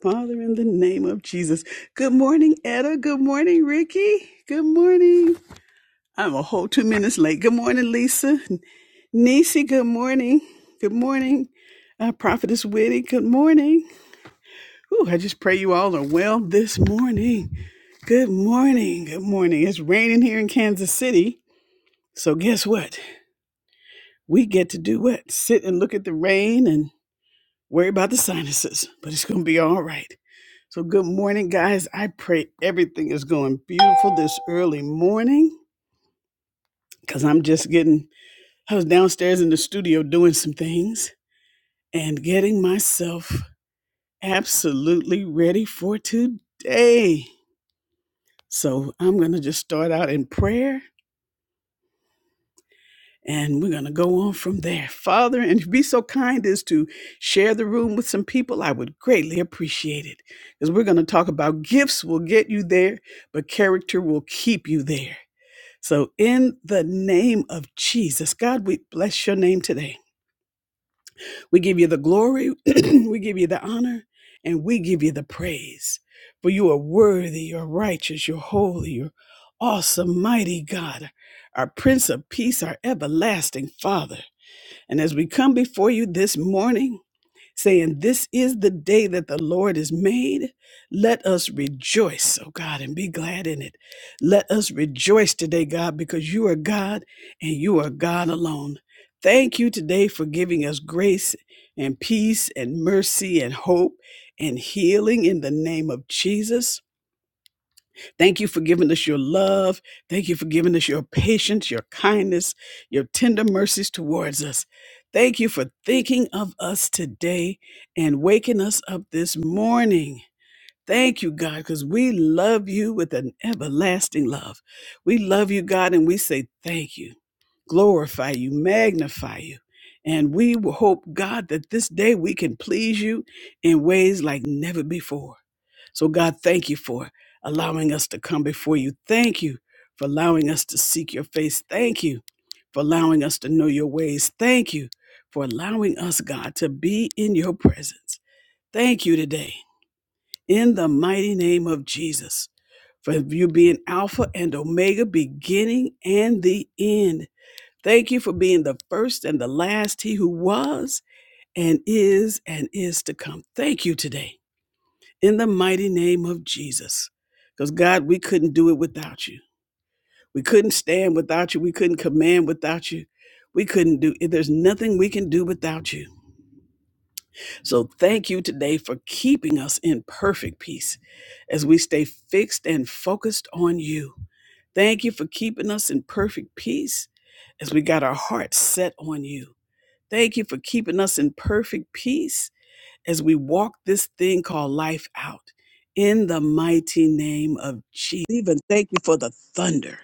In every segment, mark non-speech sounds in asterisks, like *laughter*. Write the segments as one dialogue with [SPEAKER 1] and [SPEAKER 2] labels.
[SPEAKER 1] Father, in the name of Jesus. Good morning, Etta. Good morning, Ricky. Good morning. I'm a whole two minutes late. Good morning, Lisa. Nisi, good morning. Good morning. Uh, Prophetess Witty, good morning. Ooh, I just pray you all are well this morning. Good morning. Good morning. It's raining here in Kansas City. So guess what? We get to do what? Sit and look at the rain and. Worry about the sinuses, but it's going to be all right. So, good morning, guys. I pray everything is going beautiful this early morning because I'm just getting, I was downstairs in the studio doing some things and getting myself absolutely ready for today. So, I'm going to just start out in prayer And we're going to go on from there. Father, and if you be so kind as to share the room with some people, I would greatly appreciate it. Because we're going to talk about gifts will get you there, but character will keep you there. So, in the name of Jesus, God, we bless your name today. We give you the glory, *clears throat* we give you the honor, and we give you the praise. For you are worthy, you're righteous, you're holy, you're awesome, mighty God, our Prince of Peace, our everlasting Father. And as we come before you this morning, saying, This is the day that the Lord has made, let us rejoice, oh God, and be glad in it. Let us rejoice today, God, because you are God and you are God alone. Thank you today for giving us grace and peace and mercy and hope and healing in the name of Jesus. Thank you for giving us your love. Thank you for giving us your patience, your kindness, your tender mercies towards us. Thank you for thinking of us today and waking us up this morning. Thank you, God, because we love you with an everlasting love. We love you, God, and we say thank you, glorify you, magnify you. And we will hope, God, that this day we can please you in ways like never before. So, God, thank you for allowing us to come before you. Thank you for allowing us to seek your face. Thank you for allowing us to know your ways. Thank you for allowing us, God, to be in your presence. Thank you today in the mighty name of Jesus for you being Alpha and Omega, beginning and the end. Thank you for being the first and the last, He who was and is and is to come. Thank you today in the mighty name of Jesus. Because, God, we couldn't do it without you. We couldn't stand without you. We couldn't command without you. We couldn't do it. There's nothing we can do without you. So, thank you today for keeping us in perfect peace as we stay fixed and focused on you. Thank you for keeping us in perfect peace as we got our hearts set on you. Thank you for keeping us in perfect peace as we walk this thing called life out in the mighty name of Jesus. Even thank you for the thunder.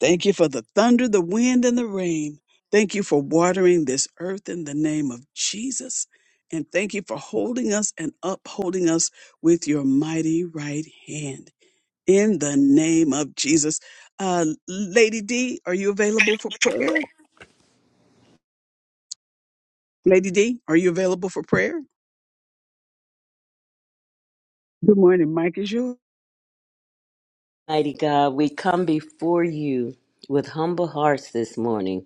[SPEAKER 1] Thank you for the thunder, the wind, and the rain. Thank you for watering this earth in the name of Jesus. And thank you for holding us and upholding us with your mighty right hand. In the name of Jesus. Uh, Lady D, are you available for prayer? Lady D, are you available for prayer? Good morning. Mike is yours.
[SPEAKER 2] Mighty God, we come before you with humble hearts this morning,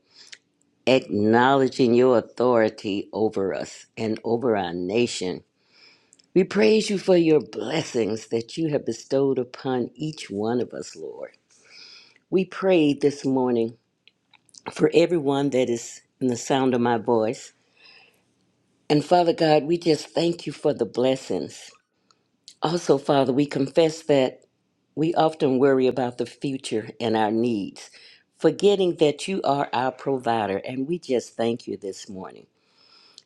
[SPEAKER 2] acknowledging your authority over us and over our nation. We praise you for your blessings that you have bestowed upon each one of us, Lord. We pray this morning for everyone that is in the sound of my voice. And Father God, we just thank you for the blessings. Also, Father, we confess that We often worry about the future and our needs, forgetting that you are our provider, and we just thank you this morning.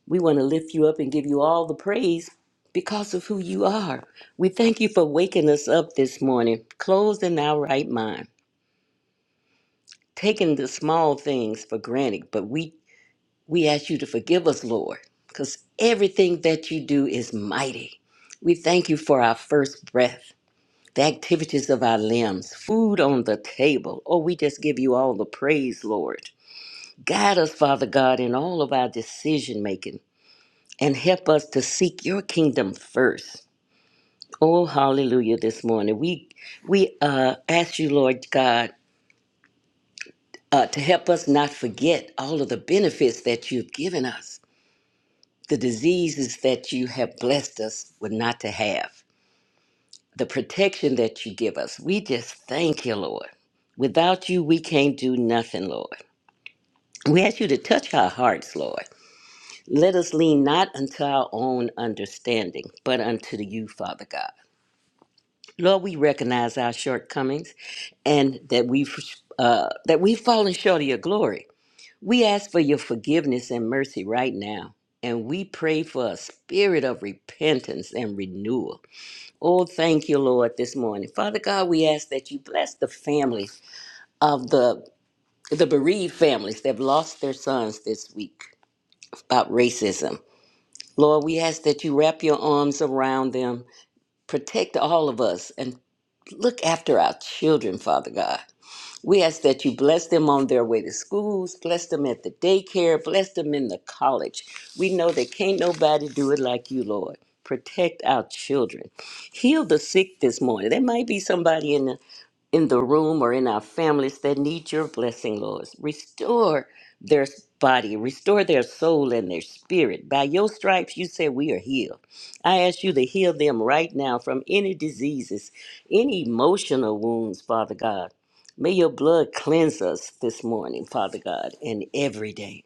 [SPEAKER 2] We want to lift you up and give you all the praise because of who you are. We thank you for waking us up this morning, closed in our right mind, taking the small things for granted, but we we ask you to forgive us, Lord, because everything that you do is mighty. We thank you for our first breath. the activities of our limbs, food on the table. Oh, we just give you all the praise, Lord. Guide us, Father God, in all of our decision making and help us to seek your kingdom first. Oh, hallelujah, this morning. We we uh, ask you, Lord God, uh, to help us not forget all of the benefits that you've given us, the diseases that you have blessed us with not to have. the protection that you give us. We just thank you, Lord. Without you, we can't do nothing, Lord. We ask you to touch our hearts, Lord. Let us lean not unto our own understanding, but unto you, Father God. Lord, we recognize our shortcomings and that we've uh, that we've fallen short of your glory. We ask for your forgiveness and mercy right now, and we pray for a spirit of repentance and renewal. Oh, thank you, Lord, this morning. Father God, we ask that you bless the families of the the bereaved families that have lost their sons this week about racism. Lord, we ask that you wrap your arms around them, protect all of us, and look after our children, Father God. We ask that you bless them on their way to schools, bless them at the daycare, bless them in the college. We know that can't nobody do it like you, Lord. Protect our children heal the sick this morning. There might be somebody in the in the room or in our families that need your blessing, Lord. Restore their body, restore their soul and their spirit. By your stripes, you say we are healed. I ask you to heal them right now from any diseases, any emotional wounds, Father God. May your blood cleanse us this morning, Father God, and every day.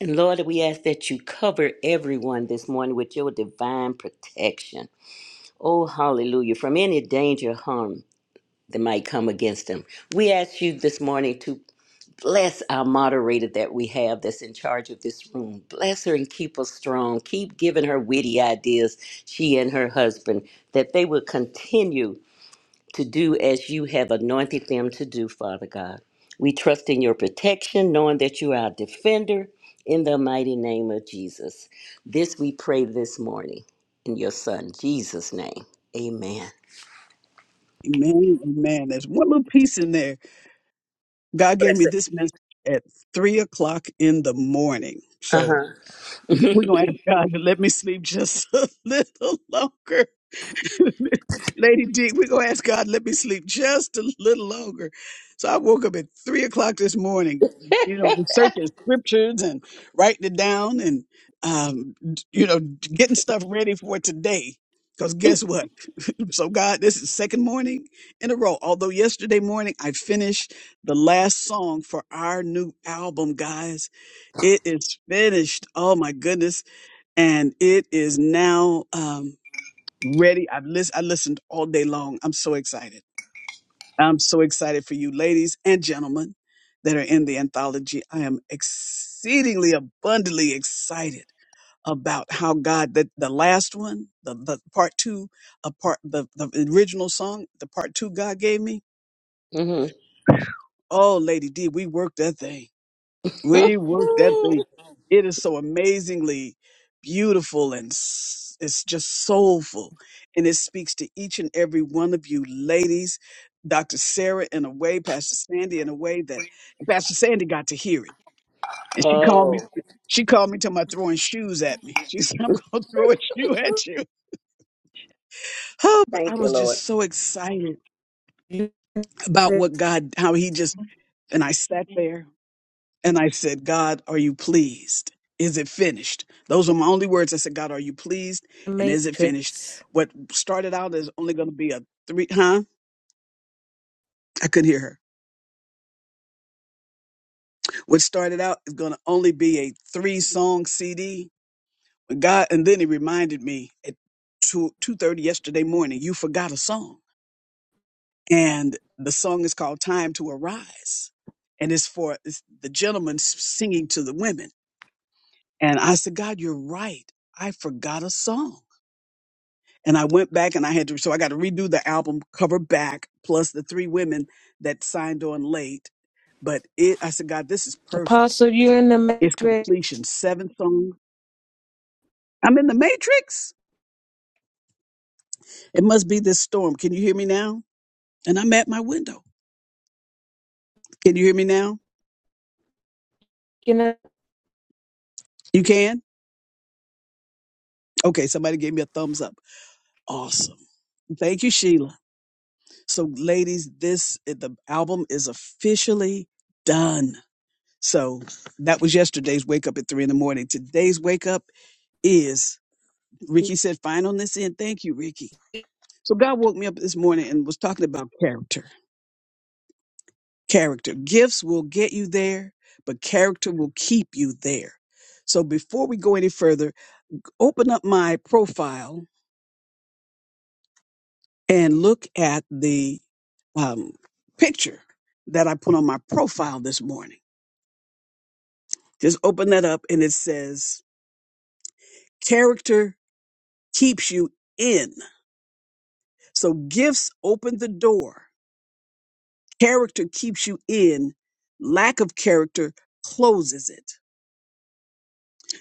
[SPEAKER 2] And Lord, we ask that you cover everyone this morning with your divine protection. Oh, hallelujah. From any danger, harm, that might come against them. We ask you this morning to bless our moderator that we have that's in charge of this room. Bless her and keep her strong. Keep giving her witty ideas, she and her husband, that they will continue to do as you have anointed them to do, Father God. We trust in your protection, knowing that you are our defender in the mighty name of Jesus. This we pray this morning in your son, Jesus' name. Amen.
[SPEAKER 1] Amen. Amen. There's one little piece in there. God gave
[SPEAKER 2] Bless
[SPEAKER 1] me
[SPEAKER 2] it.
[SPEAKER 1] this message at three o'clock in the morning.
[SPEAKER 2] Uh
[SPEAKER 1] So
[SPEAKER 2] huh.
[SPEAKER 1] we're going to ask God to let me sleep just *laughs* a little longer. *laughs* Lady D, we're gonna ask God, let me sleep just a little longer. So I woke up at three o'clock this morning, you know, researching scriptures and writing it down and um, d- you know, getting stuff ready for today. Because guess what? *laughs* so God, this is second morning in a row. Although yesterday morning I finished the last song for our new album, guys. It is finished. Oh my goodness. And it is now. Um, ready. I've lis I listened all day long. I'm so excited. I'm so excited for you, ladies and gentlemen, that are in the anthology. I am exceedingly abundantly excited about how God that the last one, the, the part two, a part the the original song, the part two God gave me. Oh, Lady D, we worked that thing We work that thing. It is so amazingly beautiful and s- it's just soulful. And it speaks to each and every one of you ladies, Dr. Sarah in a way, Pastor Sandy in a way that Pastor Sandy got to hear it. And she called
[SPEAKER 2] Oh,
[SPEAKER 1] me, she called me to my throwing shoes at me. She *laughs* said, I'm going to throw a shoe at you. *laughs* Oh, but I
[SPEAKER 2] thank you,
[SPEAKER 1] was just
[SPEAKER 2] Lord.
[SPEAKER 1] so excited
[SPEAKER 3] You in
[SPEAKER 1] about what God, how he just, and I sat there And I said, God, are you pleased? Is it finished? Those were my only words. I said, God, are you pleased?
[SPEAKER 3] the
[SPEAKER 1] And is it finished?
[SPEAKER 3] Matrix.
[SPEAKER 1] What started out is only going to be a three, huh? I couldn't hear her. What started out is going to only be a three song CD. God, and then he reminded me at two, 2.30 yesterday morning, you forgot a song. And the song is called Time to Arise. And it's for it's the gentleman s- singing to the women. And I said, God, you're right. I forgot a song. and I went back and I had to, so I got to redo the album cover back plus the three women that signed on late. But it, I said, God, this is perfect.
[SPEAKER 3] Apostle, you're in the
[SPEAKER 1] It's completion.
[SPEAKER 3] Matrix.
[SPEAKER 1] Seven songs. I'm in the matrix. It must be this storm. Can you hear me now? And I'm at my window. Can you hear me now?
[SPEAKER 3] You know.
[SPEAKER 1] You can? Okay. Somebody gave me a thumbs up. Awesome. Thank you, Sheila. So ladies, this, eh, the album is officially done. So that was yesterday's wake up at three in the morning. Today's wake up. is Ricky said fine on this end. Thank you, Ricky. So God woke me up this morning and was talking about character. Character. Gifts will get you there, but character will keep you there. So before we go any further, open up my profile and look at the um, picture that I put on my profile this morning. Just open that up and it says, Character keeps you in. So gifts open the door Character keeps you in, lack of character closes it.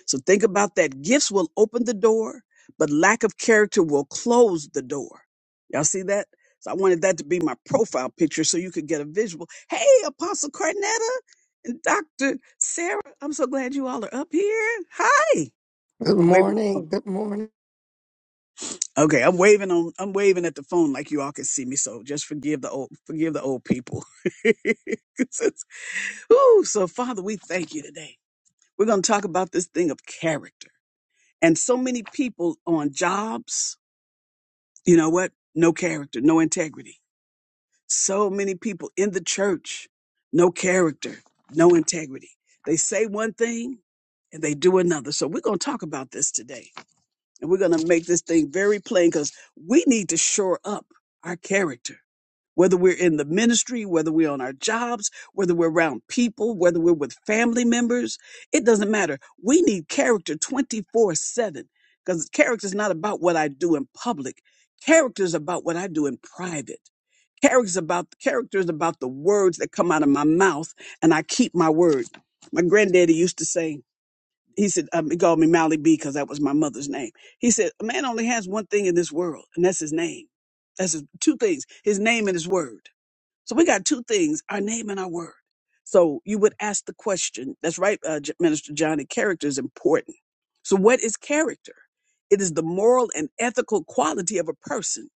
[SPEAKER 1] So think about that. Gifts will open the door, but lack of character will close the door. Y'all see that? So I wanted that to be my profile picture so you could get a visual. Hey, Apostle Carnetta and Dr. Sarah, I'm so glad you all are up here. Hi.
[SPEAKER 4] Good
[SPEAKER 1] I'm waving at the phone.
[SPEAKER 4] morning. Good morning.
[SPEAKER 1] Okay, I'm waving on I'm waving at the phone like you all can see me, so just forgive the old forgive the old people. *laughs* Ooh, so Father, we thank you today. We're going to talk about this thing of character. And so many people on jobs, you know what? No character, no integrity. So many people in the church, no character, no integrity. They say one thing and they do another. So we're going to talk about this today. And we're going to make this thing very plain because we need to shore up our character. whether we're in the ministry, whether we're on our jobs, whether we're around people, whether we're with family members, it doesn't matter. We need character 24 7 because character is not about what I do in public. Character is about what I do in private. Character is about character is about the words that come out of my mouth, and I keep my word. My granddaddy used to say, he said, um, he called me Mally B because that was my mother's name. He said, a man only has one thing in this world, and that's his name. That's his, two things: his name and his word. So we got two things our name and our word. So you would ask the question. That's right, uh, J- Minister Johnny. Character is important. So, what is character? It is the moral and ethical quality of a person,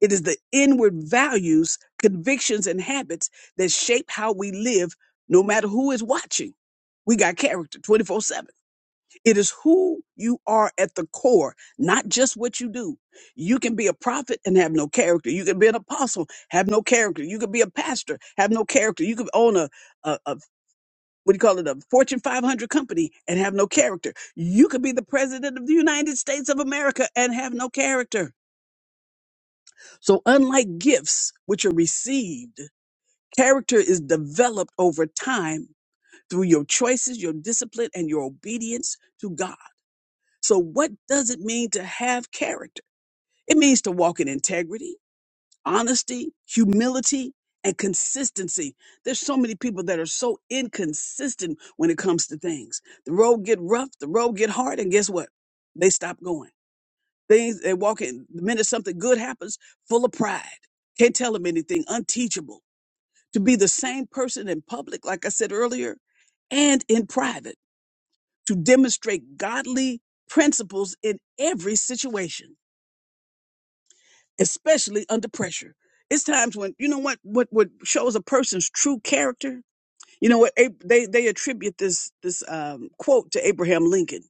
[SPEAKER 1] it is the inward values, convictions, and habits that shape how we live, no matter who is watching. We got character 24 7. It is who you are at the core, not just what you do. You can be a prophet and have no character. You can be an apostle, have no character. You can be a pastor, have no character. You can own a, a, a what do you call it, a Fortune 500 company and have no character. You could be the president of the United States of America and have no character. So unlike gifts, which are received, character is developed over time through your choices, your discipline, and your obedience to God. So, what does it mean to have character? It means to walk in integrity, honesty, humility, and consistency. There's so many people that are so inconsistent when it comes to things. The road get rough, the road get hard, and guess what? They stop going. Things they walk in the minute something good happens, full of pride. Can't tell them anything, unteachable. To be the same person in public, like I said earlier, and in private, to demonstrate godly principles in every situation especially under pressure. It's times when you know what what what shows a person's true character. You know what Ab- they they attribute this this um, quote to Abraham Lincoln.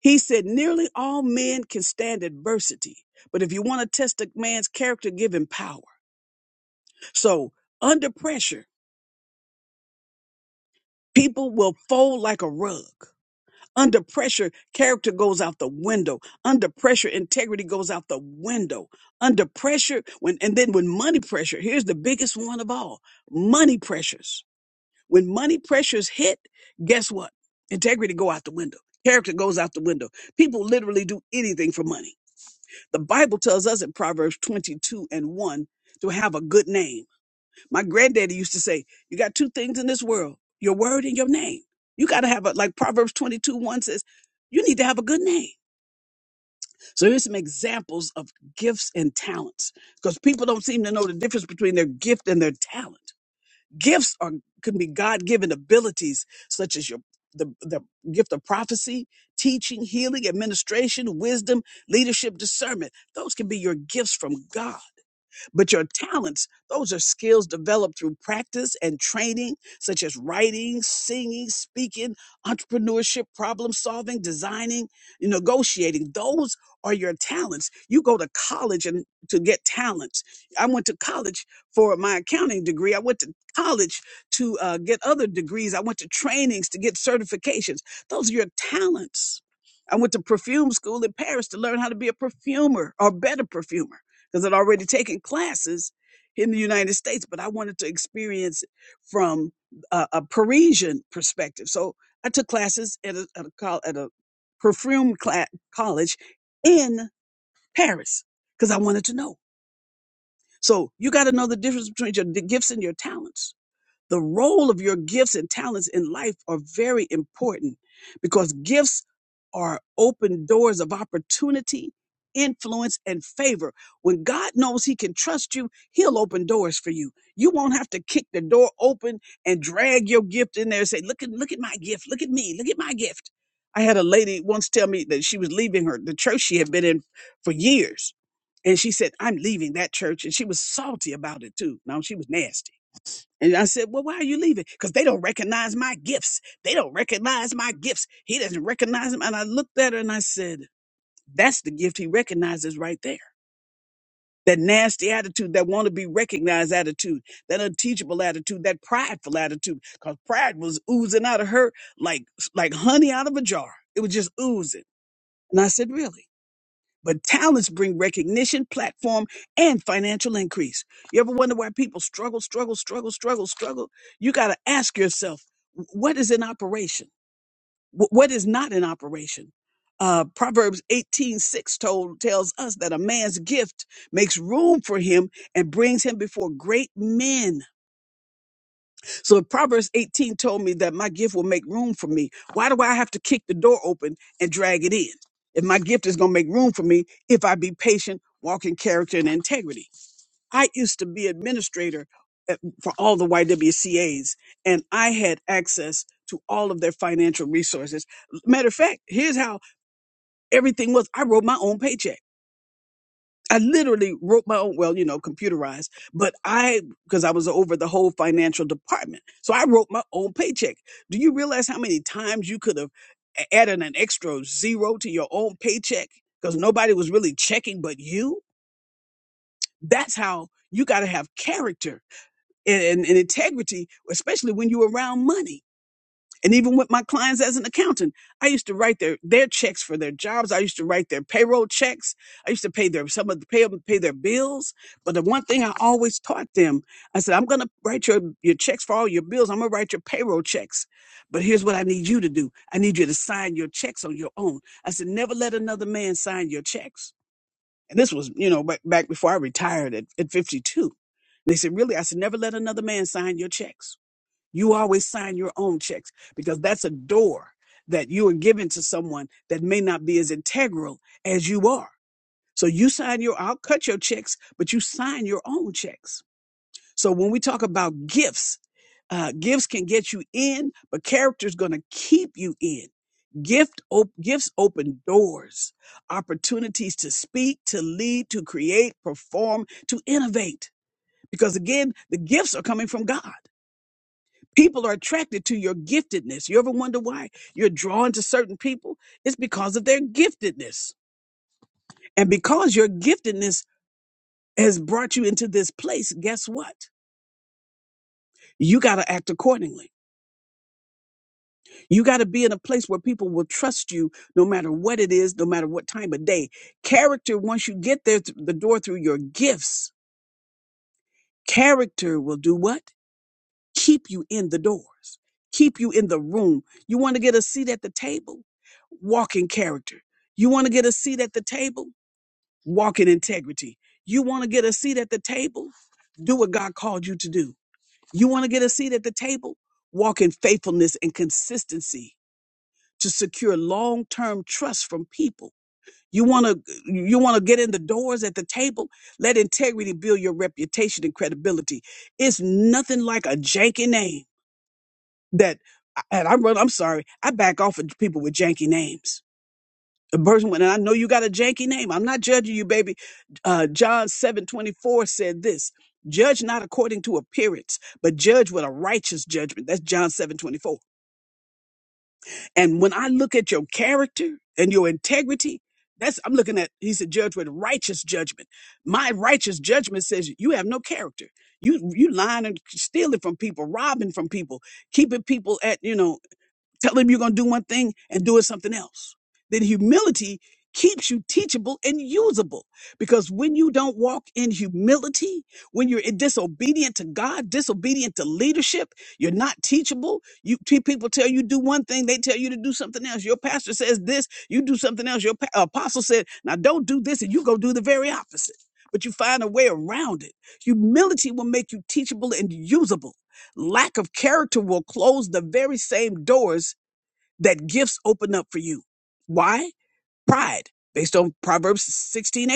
[SPEAKER 1] He said, "Nearly all men can stand adversity, but if you want to test a man's character, give him power." So under pressure, people will fold like a rug. Under pressure, character goes out the window. Under pressure, integrity goes out the window. Under pressure, when and then when money pressure, here's the biggest one of all. Money pressures. When money pressures hit, guess what? Integrity go out the window. Character goes out the window. People literally do anything for money. The Bible tells us in Proverbs 22 and 1 to have a good name my granddaddy used to say, You got two things in this world your word and your name. You got to have a, like Proverbs 22 1 says, you need to have a good name. So here's some examples of gifts and talents because people don't seem to know the difference between their gift and their talent. Gifts are can be God-given abilities such as your the, the gift of prophecy, teaching, healing, administration, wisdom, leadership, discernment. Those can be your gifts from God. But your talents, those are skills developed through practice and training, such as writing, singing, speaking, entrepreneurship, problem solving, designing, negotiating. Those are your talents. You go to college and to get talents. I went to college for my accounting degree. I went to college to uh, get other degrees. I went to trainings to get certifications. Those are your talents. I went to perfume school in Paris to learn how to be a perfumer or better perfumer because I'd already taken classes in the United States, but I wanted to experience it from a, a Parisian perspective. So I took classes at a, at a, col- at a perfume cla college in Paris because I wanted to know. So you got to know the difference between your d- gifts and your talents the role of your gifts and talents in life are very important because gifts are open doors of opportunity, influence, and favor. When God knows He can trust you, He'll open doors for you. You won't have to kick the door open and drag your gift in there and say, "Look at look at my gift. Look at me. Look at my gift." I had a lady once tell me that she was leaving her the church she had been in for years. And she said, I'm leaving that church. And she was salty about it too. Now she was nasty and I said, Well, why are you leaving? Because they don't recognize my gifts. They don't recognize my gifts. He doesn't recognize them. And I looked at her and I said, That's the gift he recognizes right there. That nasty attitude, that want to be recognized attitude, that unteachable attitude, that prideful attitude. Because pride was oozing out of her like like honey out of a jar. It was just oozing. And I said, Really? But talents bring recognition, platform, and financial increase. You ever wonder why people struggle, struggle, struggle, struggle, struggle? You got to ask yourself, what is in operation? Wh- What is not in operation? Uh, Proverbs 18 6 told, tells us that a man's gift makes room for him and brings him before great men. So if Proverbs 18 told me that my gift will make room for me, why do I have to kick the door open and drag it in? If my gift is going to make room for me, if I be patient, walk in character and integrity. I used to be administrator at- for all the YWCAs, and I had access to all of their financial resources. Matter of fact, here's how everything was. I wrote my own paycheck. I literally wrote my own, well, you know, computerized, but I, because I was over the whole financial department. So I wrote my own paycheck. Do you realize how many times you could have a- added an extra zero to your own paycheck because nobody was really checking but you? That's how you got to have character and, and, and integrity, especially when you're around money. And even with my clients as an accountant, I used to write their their checks for their jobs. I used to write their payroll checks. I used to pay their some of the pay pay their bills. But the one thing I always taught them, I said, I'm gonna write your your checks for all your bills. I'm gonna write your payroll checks. But here's what I need you to do. I need you to sign your checks on your own. I said, never let another man sign your checks. And this was, you know, back back before I retired at, at 52. And they said, really? I said, never let another man sign your checks. You always sign your own checks because that's a door that you are giving to someone that may not be as integral as you are. So you sign your, I'll cut your checks, but you sign your own checks. So when we talk about gifts, uh, gifts can get you in, but character's going to keep you in. Gift op- gifts open doors, opportunities to speak, to lead, to create, perform, to innovate. Because again, the gifts are coming from God. People are attracted to your giftedness. You ever wonder why you're drawn to certain people? It's because of their giftedness. And because your giftedness has brought you into this place, guess what? You got to act accordingly. You got to be in a place where people will trust you no matter what it is, no matter what time of day. Character, once you get there, th- the door through your gifts, character will do what? keep you in the doors, keep you in the room. You want to get a seat at the table? Walk in character. You want to get a seat at the table? Walk in integrity. You want to get a seat at the table? Do what God called you to do. You want to get a seat at the table? Walk in faithfulness and consistency to secure long-term trust from people. You want to you want to get in the doors at the table? Let integrity build your reputation and credibility. It's nothing like a janky name that and I run, I'm sorry, I back off of people with janky names. A person when and I know you got a janky name. I'm not judging you, baby. Uh, John 7 24 said this judge not according to appearance, but judge with a righteous judgment. That's John 7 24. And when I look at your character and your integrity, that's I'm looking at he said judge with righteous judgment. My righteous judgment says you have no character. You you lying and stealing from people, robbing from people, keeping people at you know Tell him you're going to do one thing and do it something else. Then humility keeps you teachable and usable because when you don't walk in humility, when you're disobedient to God, disobedient to leadership, you're not teachable. You te- people tell you do one thing, they tell you to do something else. Your pastor says this, you do something else. Your pa- apostle said, "Now don't do this," and you go do the very opposite. But you find a way around it. Humility will make you teachable and usable lack of character will close the very same doors that gifts open up for you. Why? Pride, based on Proverbs 16:18.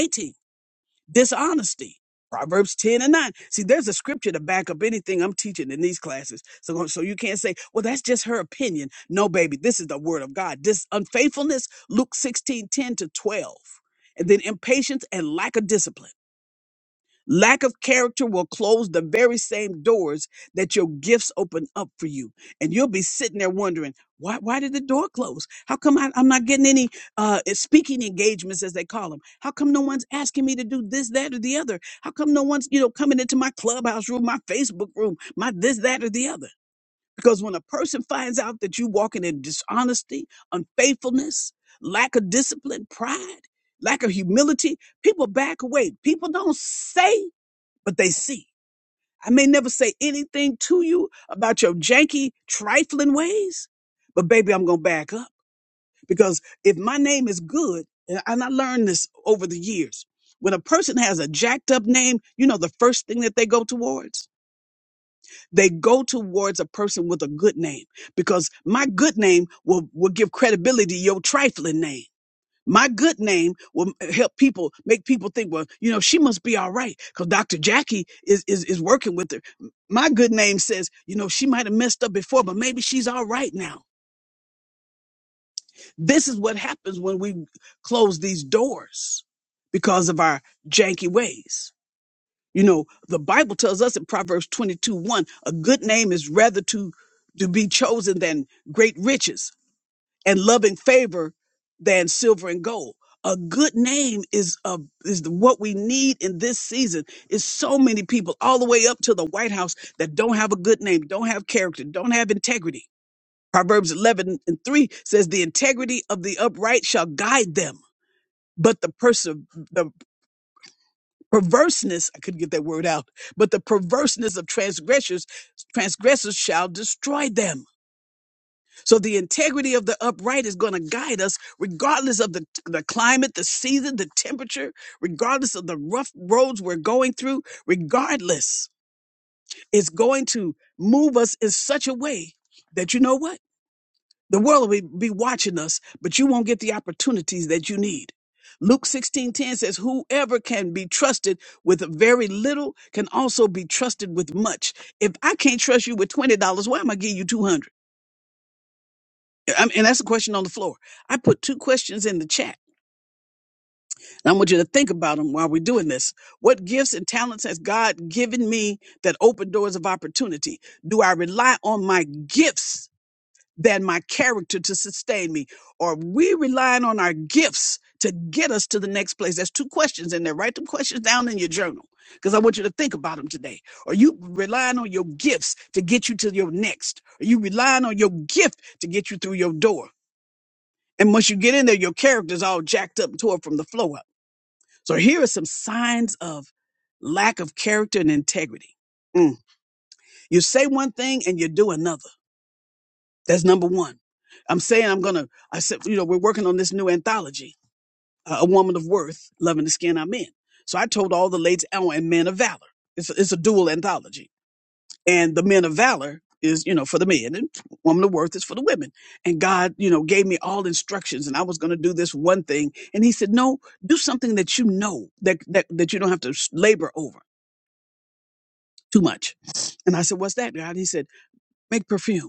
[SPEAKER 1] Dishonesty, Proverbs 10 and 9. See, there's a scripture to back up anything I'm teaching in these classes. So, so you can't say, well, that's just her opinion. No, baby, this is the word of God. This unfaithfulness, Luke 16:10 to 12. And then impatience and lack of discipline. Lack of character will close the very same doors that your gifts open up for you. And you'll be sitting there wondering, why, why did the door close? How come I, I'm not getting any uh, eh, speaking engagements, as they call them? How come no one's asking me to do this, that, or the other? How come no one's, you know, coming into my clubhouse room, my Facebook room, my this, that, or the other? Because when a person finds out that you're walking in dishonesty, unfaithfulness, lack of discipline, pride, lack of humility, people back away. People don't say but they see. I may never say anything to you about your janky, trifling ways, but baby, I'm going to back up because if my name is good, and and I learned this over the years, when a person has a jacked up name, you know the first thing that they go towards? They go towards a person with a good name because my good name will, will give credibility to your trifling name. My good name will help people make people think, well, you know, she must be all right because Dr. Jackie is, is is working with her. My good name says, you know, she might have messed up before, but maybe she's all right now. This is what happens when we close these doors because of our janky ways. You know, the Bible tells us in Proverbs 22, 1, a good name is rather to to be chosen than great riches. and loving favor than silver and gold. A good name is a, is what we need in this season. Is so many people all the way up to the White House that don't have a good name, don't have character, don't have integrity. Proverbs 11 and 3 says, "The integrity of the upright shall guide them, but the perse- the perverseness I couldn't get that word out, but the perverseness of transgressors transgressors shall destroy them." So the integrity of the upright is going to guide us regardless of the, the climate, the season, the temperature, regardless of the rough roads we're going through, regardless, it's going to move us in such a way that you know what? The world will be watching us, but you won't get the opportunities that you need. Luke 16:10 says whoever can be trusted with very little can also be trusted with much. If I can't trust you with $20, why am I giving you 200? I mean, and that's a question on the floor. I put two questions in the chat. And I want you to think about them while we're doing this. What gifts and talents has God given me that open doors of opportunity? Do I rely on my gifts than my character to sustain me? Or are we relying on our gifts to get us to the next place? That's two questions in there. Write them questions down in your journal because I want you to think about them today. Are you relying on your gifts to get you to your next? Are you relying on your gift to get you through your door? And once you get in there, your character's all jacked up and tore from the floor up. So here are some signs of lack of character and integrity. Mm. You say one thing and you do another. That's number one. I'm saying I'm gonna. I said, you know, we're working on this new anthology, uh, A Woman of Worth, Loving the Skin I'm In. So I told all the ladies, oh, and Men of Valor. It's a, it's a dual anthology. and the men of valor is you know for the men and woman of worth is for the women and god you know gave me all instructions and i was going to do this one thing and he said no do something that you know that that, that you don't have to s- labor over too much and i said what's that god he said make perfume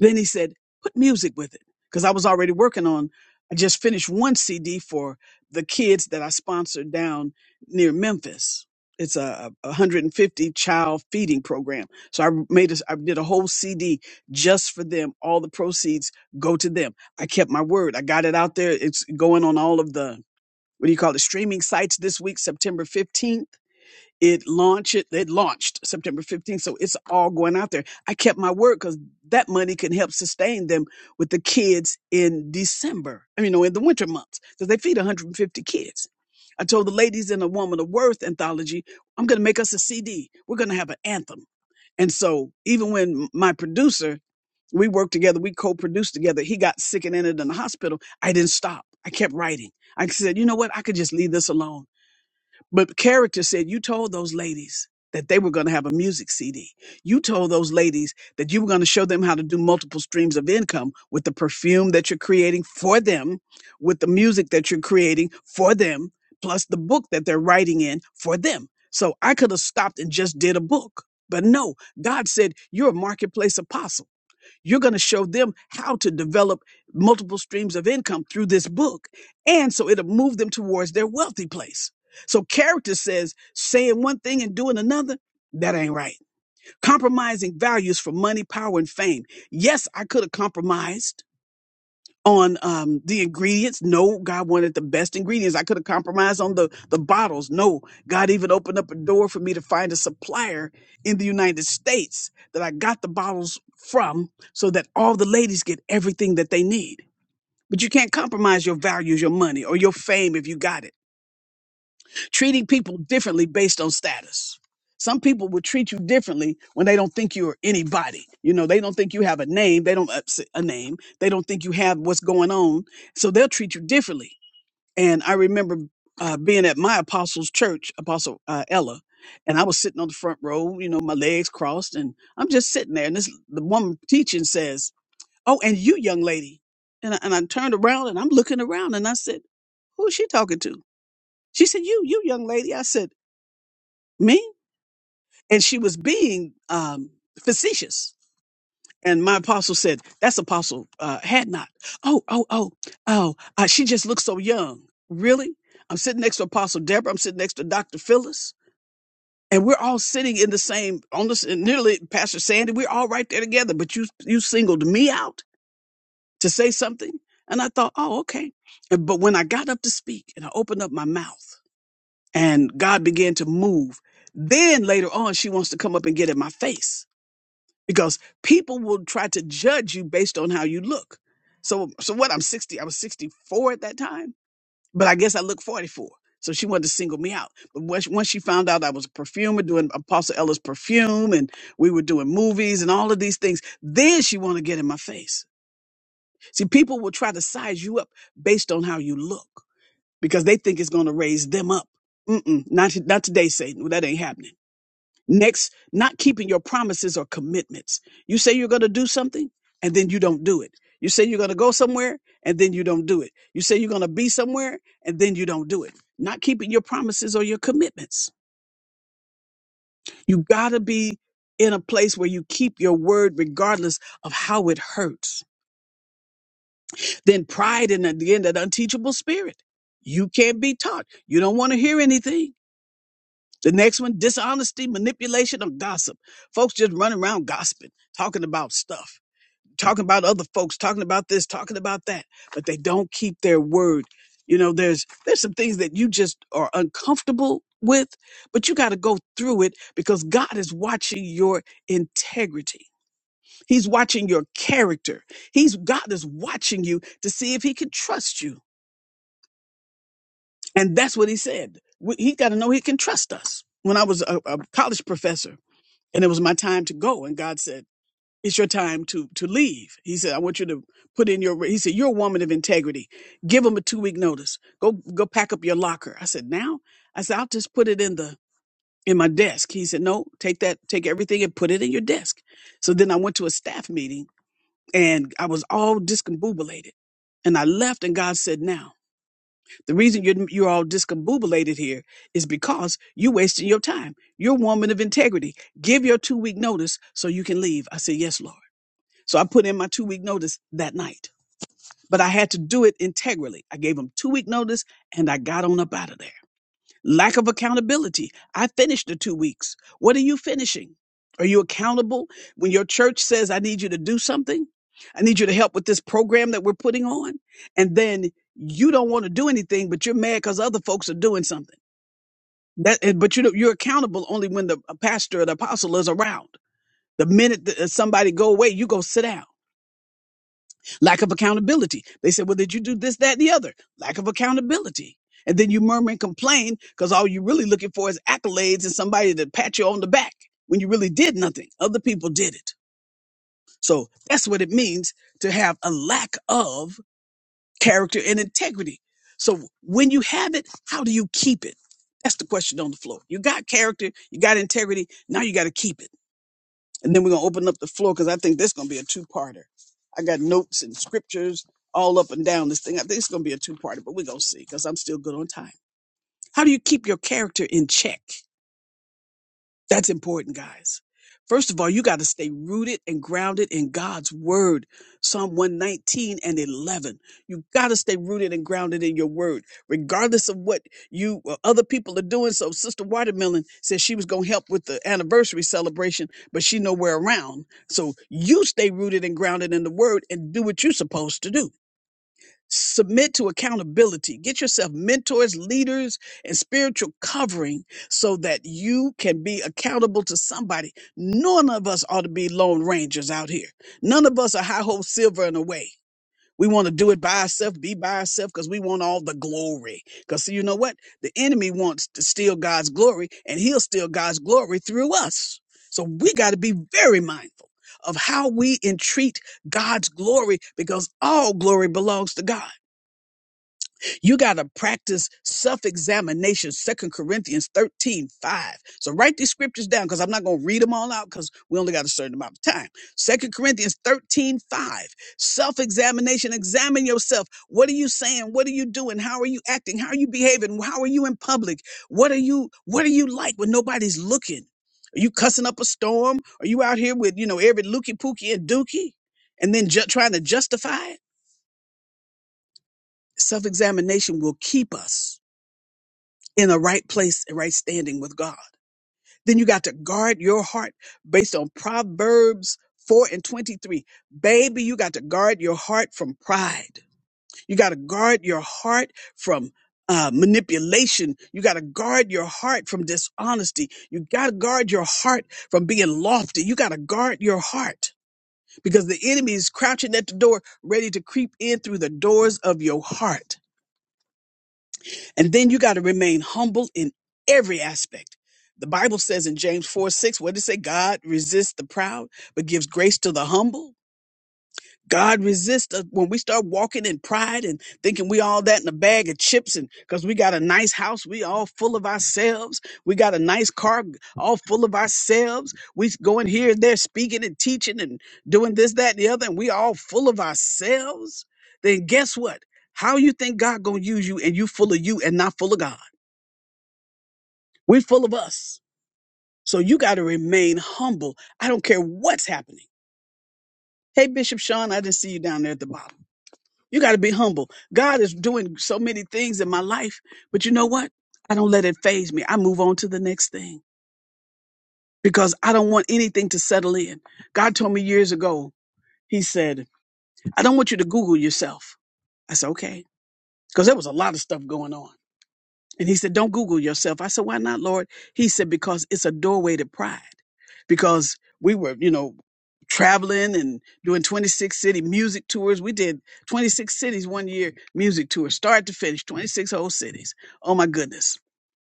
[SPEAKER 1] then he said, put music with it. Because I was already working on, I just finished one CD for the kids that I sponsored down near Memphis. It's a a 150 child feeding program. So I made a, I did a whole CD just for them. All the proceeds go to them. I kept my word. I got it out there. It's going on all of the, what do you call it, streaming sites this week, September 15th it launched it it launched september 15th so it's all going out there i kept my word because that money can help sustain them with the kids in december i mean no, in the winter months because they feed 150 kids i told the ladies in a woman of worth anthology i'm going to make us a cd we're going to have an anthem and so even when my producer we worked together we co-produced together he got sick and ended in the hospital i didn't stop i kept writing i said you know what i could just leave this alone but character said, You told those ladies that they were going to have a music CD. You told those ladies that you were going to show them how to do multiple streams of income with the perfume that you're creating for them, with the music that you're creating for them, plus the book that they're writing in for them. So I could have stopped and just did a book. But no, God said, You're a marketplace apostle. You're going to show them how to develop multiple streams of income through this book. And so it'll move them towards their wealthy place. So character says saying one thing and doing another. That ain't right. Compromising values for money, power, and fame. Yes, I could have compromised on um the ingredients no god wanted the best ingredients i could have compromised on the the bottles no god even opened up a door for me to find a supplier in the united states that i got the bottles from so that all the ladies get everything that they need but you can't compromise your values your money or your fame if you got it treating people differently based on status. Some people will treat you differently when they don't think you're anybody. You know, they don't think you have a name. They don't upset a name. They don't think you have what's going on. So they'll treat you differently. And I remember uh, being at my apostles' church, Apostle uh, Ella, and I was sitting on the front row, you know, my legs crossed, and I'm just sitting there. And this the woman teaching says, "Oh, and you, young lady," and I, and I turned around and I'm looking around, and I said, "Who is she talking to?" She said, "You, you, young lady." I said me and she was being um facetious and my apostle said that's apostle uh had not oh oh oh oh uh, she just looks so young really i'm sitting next to apostle deborah i'm sitting next to dr phyllis and we're all sitting in the same on this and nearly pastor sandy we're all right there together but you you singled me out to say something and i thought oh okay And- but when i got up to speak and i opened up my mouth and god began to move then later on she wants to come up and get in my face because people will try to judge you based on how you look. So, so what? I'm 60. I was 64 at that time, but I guess I look 44. So she wanted to single me out. But once once she found out I was a perfumer doing Apostle Ella's perfume and we were doing movies and all of these things, then she wanted to get in my face. See, people will try to size you up based on how you look because they think it's going to raise them up. Mm-mm, not, not today, Satan. That ain't happening. Next, not keeping your promises or commitments. You say you're going to do something and then you don't do it. You say you're going to go somewhere and then you don't do it. You say you're going to be somewhere and then you don't do it. Not keeping your promises or your commitments. You got to be in a place where you keep your word regardless of how it hurts. Then pride and again that unteachable spirit. You can't be taught. You don't want to hear anything. The next one, dishonesty, manipulation, or gossip. Folks just run around gossiping, talking about stuff talking about other folks, talking about this, talking about that, but they don't keep their word. You know, there's there's some things that you just are uncomfortable with, but you got to go through it because God is watching your integrity. He's watching your character. He's God is watching you to see if he can trust you. And that's what he said. We- He got to know he can trust us. When I was a, a college professor and it was my time to go and God said it's your time to to leave. He said, I want you to put in your. He said, you're a woman of integrity. Give him a two week notice. Go go pack up your locker. I said, now. I said, I'll just put it in the in my desk. He said, no, take that, take everything and put it in your desk. So then I went to a staff meeting and I was all discombobulated. And I left, and God said, "Now the reason you're you're all discombobulated here is because you're wasting your time. You're a woman of integrity. Give your two week notice so you can leave." I said, "Yes, Lord." So I put in my two week notice that night, but I had to do it integrally. I gave them two week notice and I got on up out of there. Lack of accountability. I finished the two weeks. What are you finishing? Are you accountable when your church says, I need you to do something? I need you to help with this program that we're putting on. And then you don't want to do anything, but you're mad because other folks are doing something. That, and- but you know, you're accountable only when the uh, pastor or the apostle is around. The minute that uh, somebody go away, you go sit down. lack of accountability. They said, well, did you do this, that, and the other? Lack of accountability. And then you murmur and complain because all you're really looking for is accolades and somebody to pat you on the back when you really did nothing. Other people did it. So that's what it means to have a lack of character and integrity. So when you have it, how do you keep it? That's the question on the floor. You got character, you got integrity, now you got to keep it and then we're gonna open up the floor because I think this gonna be a two-parter. I got notes and scriptures all up and down this thing. I think it's gonna be a two-parter, but we're gonna see because I'm still good on time. How do you keep your character in check? That's important, guys. First of all, you got to stay rooted and grounded in God's word. Psalm 119 and 11. You got to stay rooted and grounded in your word, regardless of what you or other people are doing. So Sister Watermelon said she was going to help with the anniversary celebration, but she nowhere around. So you stay rooted and grounded in the word and do what you're supposed to do. Submit to accountability. Get yourself mentors, leaders, and spiritual covering so that you can be accountable to somebody. None of us ought to be lone rangers out here. None of us are high hole silver in a way. We want to do it by ourselves, be by ourselves, because we want all the glory. Because you know what? The enemy wants to steal God's glory, and he'll steal God's glory through us. So we got to be very mindful of how we entreat God's glory because all glory belongs to God. You got to practice self examination, Second Corinthians 13 five. So write these scriptures down because I'm not going to read them all out because we only got a certain amount of time. Second Corinthians 13 Self examination, examine yourself. What are you saying? What are you doing? How are you acting? How are you behaving? How are you in public? What are you, what are you like when nobody's looking? Are you cussing up a storm? Are you out here with, you know, every looky pookie and dookie and then ju- trying to justify it? Self examination will keep us. in the right place and right standing with God. Then you got to guard your heart based on Proverbs 4 and 23. Baby, you got to guard your heart from pride. You got to guard your heart from uh, manipulation. You got to guard your heart from dishonesty. You got to guard your heart from being lofty. You got to guard your heart because the enemy is crouching at the door, ready to creep in through the doors of your heart. And then you got to remain humble in every aspect. The Bible says in James 4 6, what did it say? God resists the proud, but gives grace to the humble. God resists us when we start walking in pride and thinking we all that in a bag of chips and because we got a nice house, we all full of ourselves. We got a nice car, all full of ourselves. We going here and there speaking and teaching and doing this, that, and the other, and we all full of ourselves. Then guess what? How you think God gonna use you and you full of you and not full of God? We're full of us. So you got to remain humble. I don't care what's happening. Hey, Bishop Sean, I didn't see you down there at the bottom. You got to be humble. God is doing so many things in my life, but you know what? I don't let it phase me. I move on to the next thing because I don't want anything to settle in. God told me years ago, He said, I don't want you to Google yourself. I said, okay, because there was a lot of stuff going on. And he said, Don't Google yourself. I said, Why not, Lord? He said, Because it's a doorway to pride. Because we were, you know, traveling and doing 26 city music tours. We did 26 cities one year, music tour, start to finish, 26 whole cities. Oh my goodness.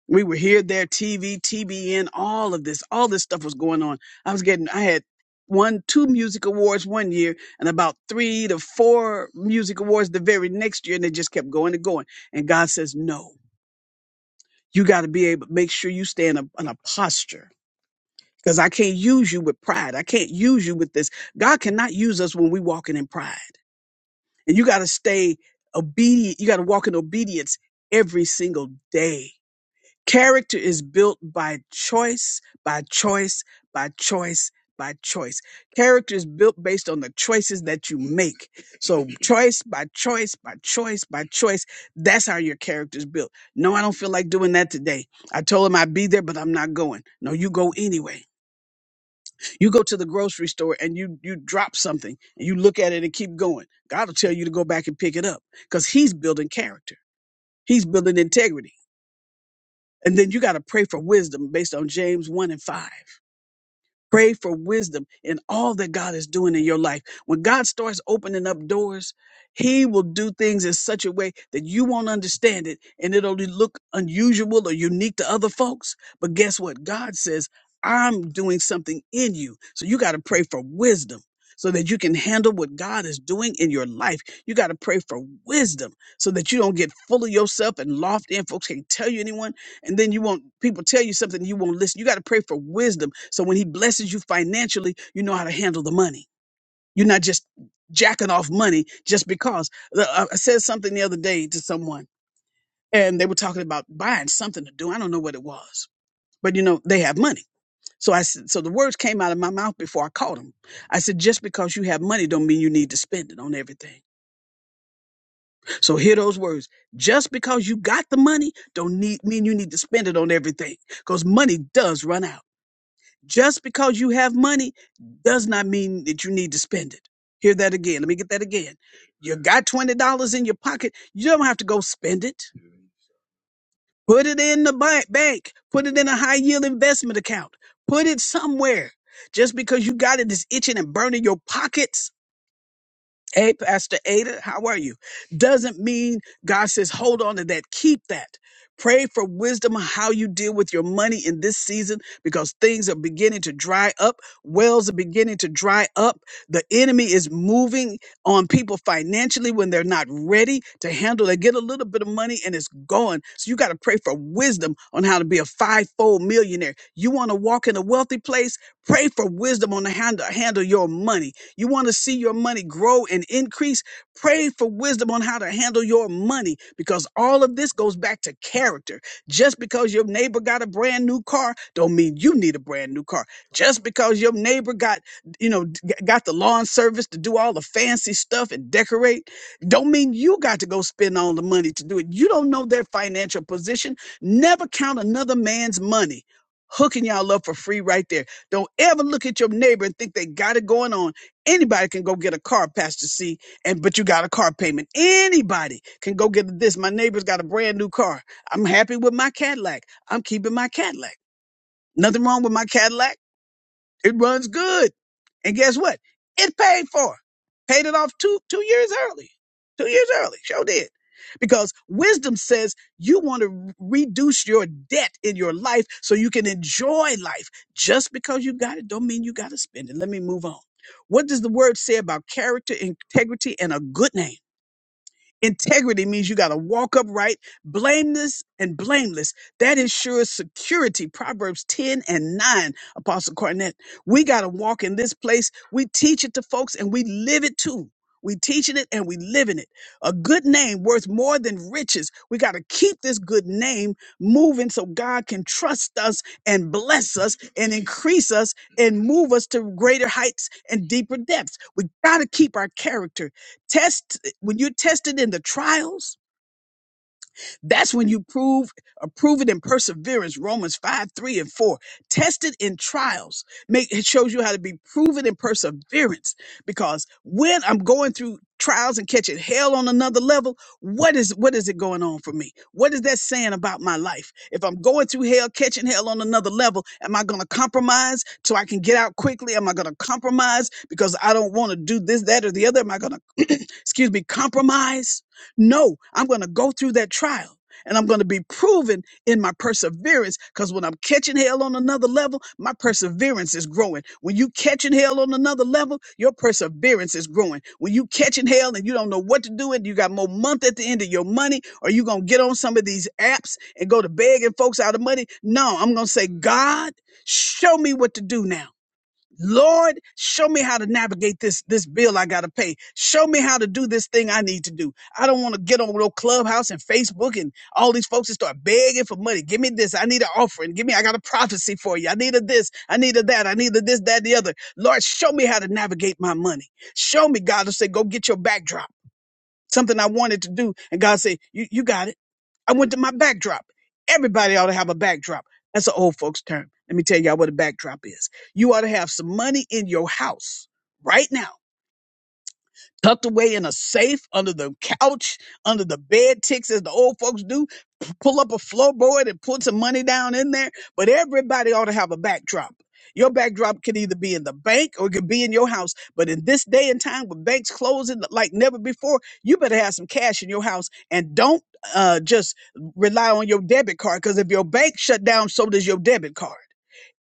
[SPEAKER 1] We were here, there, TV, TBN, all of this, all this stuff was going on. I was getting, I had won two music awards one year and about three to four music awards the very next year. And they just kept going and going. And God says, no you got to be able to make sure you stay in a, in a posture because I can't use you with pride. I can't use you with this. God cannot use us when we walking in pride. And you got to stay obedient. You got to walk in obedience every single day. Character is built by choice, by choice, by choice, by choice. Character is built based on the choices that you make. So, choice by choice, by choice, by choice, that's how your character is built. No, I don't feel like doing that today. I told him I'd be there, but I'm not going. No, you go anyway. You go to the grocery store and you you drop something and you look at it and keep going. God will tell you to go back and pick it up because He's building character. He's building integrity. And then you got to pray for wisdom based on James 1 and 5. Pray for wisdom in all that God is doing in your life. When God starts opening up doors, He will do things in such a way that you won't understand it and it'll look unusual or unique to other folks. But guess what? God says, I'm doing something in you. So you got to pray for wisdom so that you can handle what God is doing in your life. You got to pray for wisdom so that you don't get full of yourself and lofty and folks can't tell you anyone and then you won't people tell you something you won't listen you got to pray for wisdom so when he blesses you financially you know how to handle the money you're not just jacking off money just because The- i I said something the other day to someone and they were talking about buying something to do i don't know what it was but you know they have money so I said, so the words came out of my mouth before i caught them i said just because you have money don't mean you need to spend it on everything so hear those words just because you got the money don't need mean you need to spend it on everything because money does run out Just because you have money does not mean that you need to spend it. Hear that again. Let me get that again. You got $20 in your pocket, you don't have to go spend it. Put it in the ba- bank, put it in a high yield investment account, put it somewhere. Just because you got it is itching and burning your pockets Hey, Pastor Ada, how are you? Doesn't mean God says, hold on to that. Keep that. Pray for wisdom on how you deal with your money in this season because things are beginning to dry up. Wells are beginning to dry up. The enemy is moving on people financially when they're not ready to handle. They get a little bit of money and it's gone. So you got to pray for wisdom on how to be a five-fold millionaire. You want to walk in a wealthy place? Pray for wisdom on how to handle your money you want to see your money grow and increase? Pray for wisdom on how to handle your money because all of this goes back to character. Just because your neighbor got a brand new car don't mean you need a brand new car. Just because your neighbor got, you know, d- got the lawn service to do all the fancy stuff and decorate don't mean you got to go spend all the money to do it. You don't know their financial position. Never count another man's money. Hooking y'all up for free right there. Don't ever look at your neighbor and think they got it going on Anybody can go get a car, Pastor C, and but you got a car payment. Anybody can go get this. My neighbor's got a brand new car. I'm happy with my Cadillac. I'm keeping my Cadillac. Nothing wrong with my Cadillac. It runs good. And guess what? It paid for. it. Paid it off two two years early. Two years early. Sure did. Because wisdom says you want to reduce your debt in your life so you can enjoy life. Just because you got it don't mean you got to spend it. Let me move on. What does the word say about character, integrity, and a good name? Integrity means you got to walk upright, blameless and blameless. That ensures security. Proverbs 10 and 9, Apostle Cornett. We got to walk in this place. We teach it to folks and we live it too. We teaching it and we living it. A good name worth more than riches. We got to keep this good name moving so God can trust us and bless us and increase us and move us to greater heights and deeper depths. We got to keep our character. Test when you're tested in the trials, that's when you prove are proven in perseverance. Romans 5, 3, and 4. Tested in trials. Make it shows you how to be proven in perseverance. Because when I'm going through trials and catching hell on another level, what is what is it going on for me? What is that saying about my life? If I'm going through hell, catching hell on another level, am I gonna compromise so I can get out quickly? Am I gonna compromise because I don't want to do this, that, or the other? Am I gonna *clears throat* excuse me, compromise? No, I'm going to go through that trial and I'm going to be proven in my perseverance because when I'm catching hell on another level, my perseverance is growing. When you catching hell on another level, your perseverance is growing. When you catching hell and you don't know what to do and you got more month at the end of your money, or you going to get on some of these apps and go to begging folks out of money. No, I'm going to say, God, show me what to do now. Lord, show me how to navigate this this bill I gotta pay. Show me how to do this thing I need to do. I don't want to get on no clubhouse and Facebook and all these folks and start begging for money. Give me this. I need an offering. Give me. I got a prophecy for you. I need a this. I need a that. I need a this, that, the other. Lord, show me how to navigate my money. Show me. God will say, go get your backdrop. Something I wanted to do, and God say, you you got it. I went to my backdrop. Everybody ought to have a backdrop. That's an old folks term. Let me tell y'all what a backdrop is. You ought to have some money in your house right now tucked away in a safe under the couch, under the bed ticks, as the old folks do. P- Pull up a floorboard and put some money down in there. But everybody ought to have a backdrop. Your backdrop could either be in the bank or it could be in your house. But in this day and time with banks closing like never before, you better have some cash in your house and don't uh, just rely on your debit card because if your bank shut down, so does your debit card.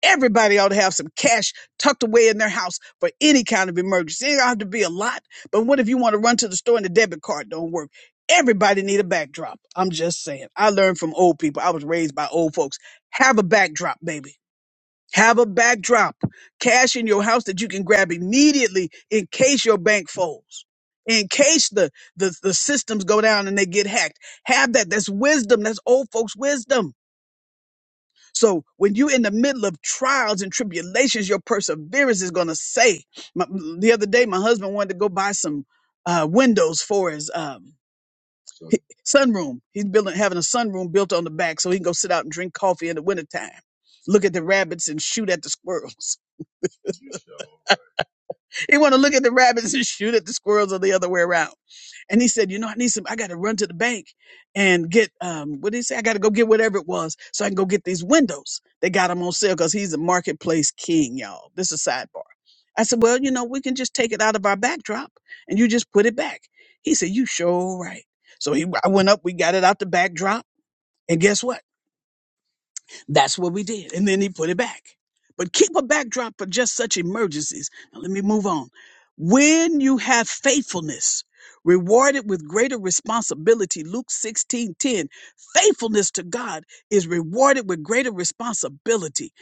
[SPEAKER 1] Everybody ought to have some cash tucked away in their house for any kind of emergency. It ought to be a lot, but what if you want to run to the store and the debit card don't work? Everybody need a backdrop. I'm just saying. I learned from old people. I was raised by old folks. Have a backdrop, baby. Have a backdrop. Cash in your house that you can grab immediately in case your bank folds. In case the, the, the systems go down and they get hacked. Have that. That's wisdom. That's old folks' wisdom. So when you're in the middle of trials and tribulations, your perseverance is going to say. My, the other day, my husband wanted to go buy some uh, windows for his um, hi- sunroom. He's building having a sunroom built on the back so he can go sit out and drink coffee in the wintertime, look at the rabbits and shoot at the squirrels. He want to look at the rabbits and shoot at the squirrels or the other way around. And he said, you know, I need some, I got to run to the bank and get, um, what did he say? I got to go get whatever it was so I can go get these windows. They got them on sale because he's a marketplace king, y'all. This is a sidebar. I said, well, you know, we can just take it out of our backdrop and you just put it back. He said, you sure right. So he, I went up, we got it out the backdrop. And guess what? That's what we did. And then he put it back. But keep a backdrop for just such emergencies. Now let me move on. When you have faithfulness rewarded with greater responsibility, Luke 16 10. faithfulness to God is rewarded with greater responsibility.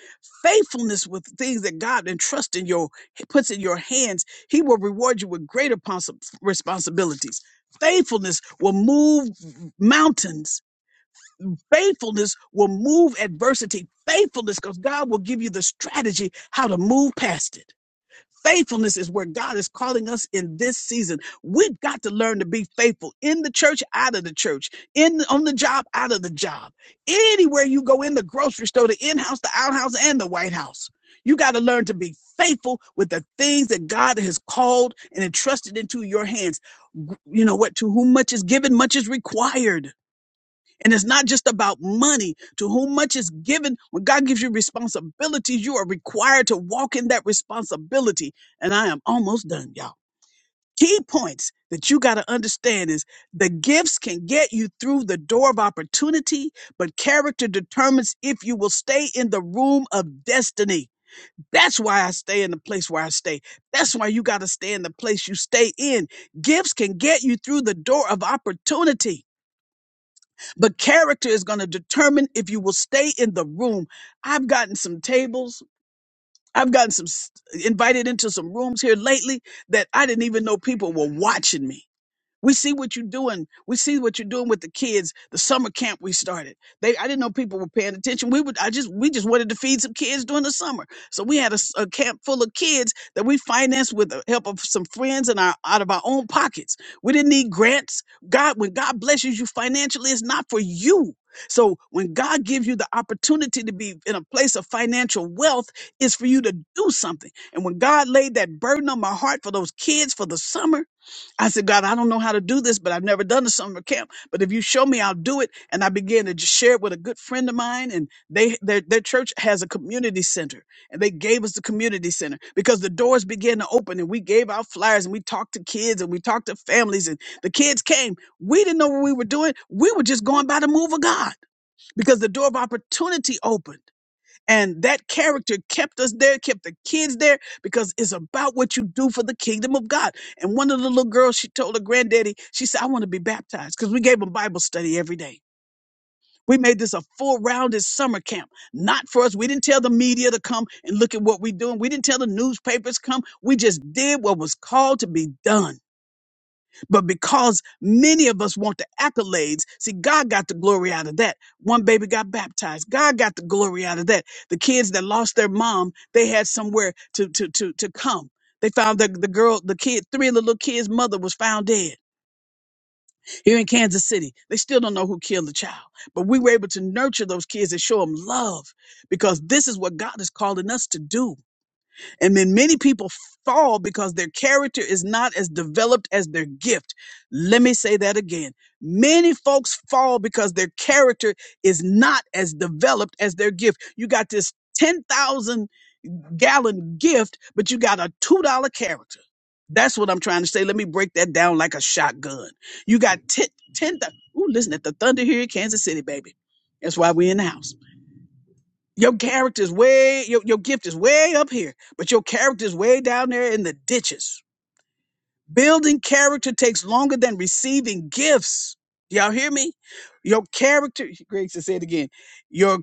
[SPEAKER 1] Faithfulness with things that God entrusts in your puts in your hands, He will reward you with greater possi- responsibilities. Faithfulness will move mountains Faithfulness will move adversity. Faithfulness, because God will give you the strategy how to move past it. Faithfulness is where God is calling us in this season. We've got to learn to be faithful in the church, out of the church, in on the job, out of the job. Anywhere you go in the grocery store, the in-house, the outhouse, and the White House. You got to learn to be faithful with the things that God has called and entrusted into your hands. You know what? To whom much is given, much is required and it's not just about money. To whom much is given, when God gives you responsibilities, you are required to walk in that responsibility. And I am almost done, y'all. Key points that you got to understand is the gifts can get you through the door of opportunity, but character determines if you will stay in the room of destiny. That's why I stay in the place where I stay. That's why you got to stay in the place you stay in. Gifts can get you through the door of opportunity but character is going to determine if you will stay in the room. I've gotten some tables. I've gotten some s- invited into some rooms here lately that I didn't even know people were watching me we see what you're doing. We see what you're doing with the kids. The summer camp we started. They, I didn't know people were paying attention. We would, I just, we just wanted to feed some kids during the summer. So we had a, s- a camp full of kids that we financed with the help of some friends and our out of our own pockets. We didn't need grants. God, when God blesses you financially, it's not for you. So when God gives you the opportunity to be in a place of financial wealth, it's for you to do something. And when God laid that burden on my heart for those kids for the summer. I said, God, I don't know how to do this, but I've never done a summer camp. But if you show me, I'll do it. And I began to just share it with a good friend of mine. And they their their church has a community center. And they gave us the community center because the doors began to open and we gave out flyers and we talked to kids and we talked to families. And the kids came. We didn't know what we were doing. We were just going by the move of God because the door of opportunity opened. And that character kept us there, kept the kids there, because it's about what you do for the kingdom of God. And one of the little girls, she told her granddaddy, she said, I want to be baptized because we gave them Bible study every day. We made this a full rounded summer camp, not for us. We didn't tell the media to come and look at what we're doing. We didn't tell the newspapers come. We just did what was called to be done. But because many of us want the accolades, see, God got the glory out of that. One baby got baptized. God got the glory out of that. The kids that lost their mom, they had somewhere to to to to come. They found the, the girl, the kid, three of the little kids' mother was found dead here in Kansas City. They still don't know who killed the child. But we were able to nurture those kids and show them love because this is what God is calling us to do. And then many people fall because their character is not as developed as their gift. Let me say that again. Many folks fall because their character is not as developed as their gift. You got this 10,000 gallon gift, but you got a $2 character. That's what I'm trying to say. Let me break that down like a shotgun. You got 10, 10. ooh, listen at the thunder here in Kansas City, baby. That's why we're in the house. Your character's way, your, your gift is way up here, but your character's way down there in the ditches. Building character takes longer than receiving gifts. Y'all hear me? Your character, *laughs* Greg said, say it again. Your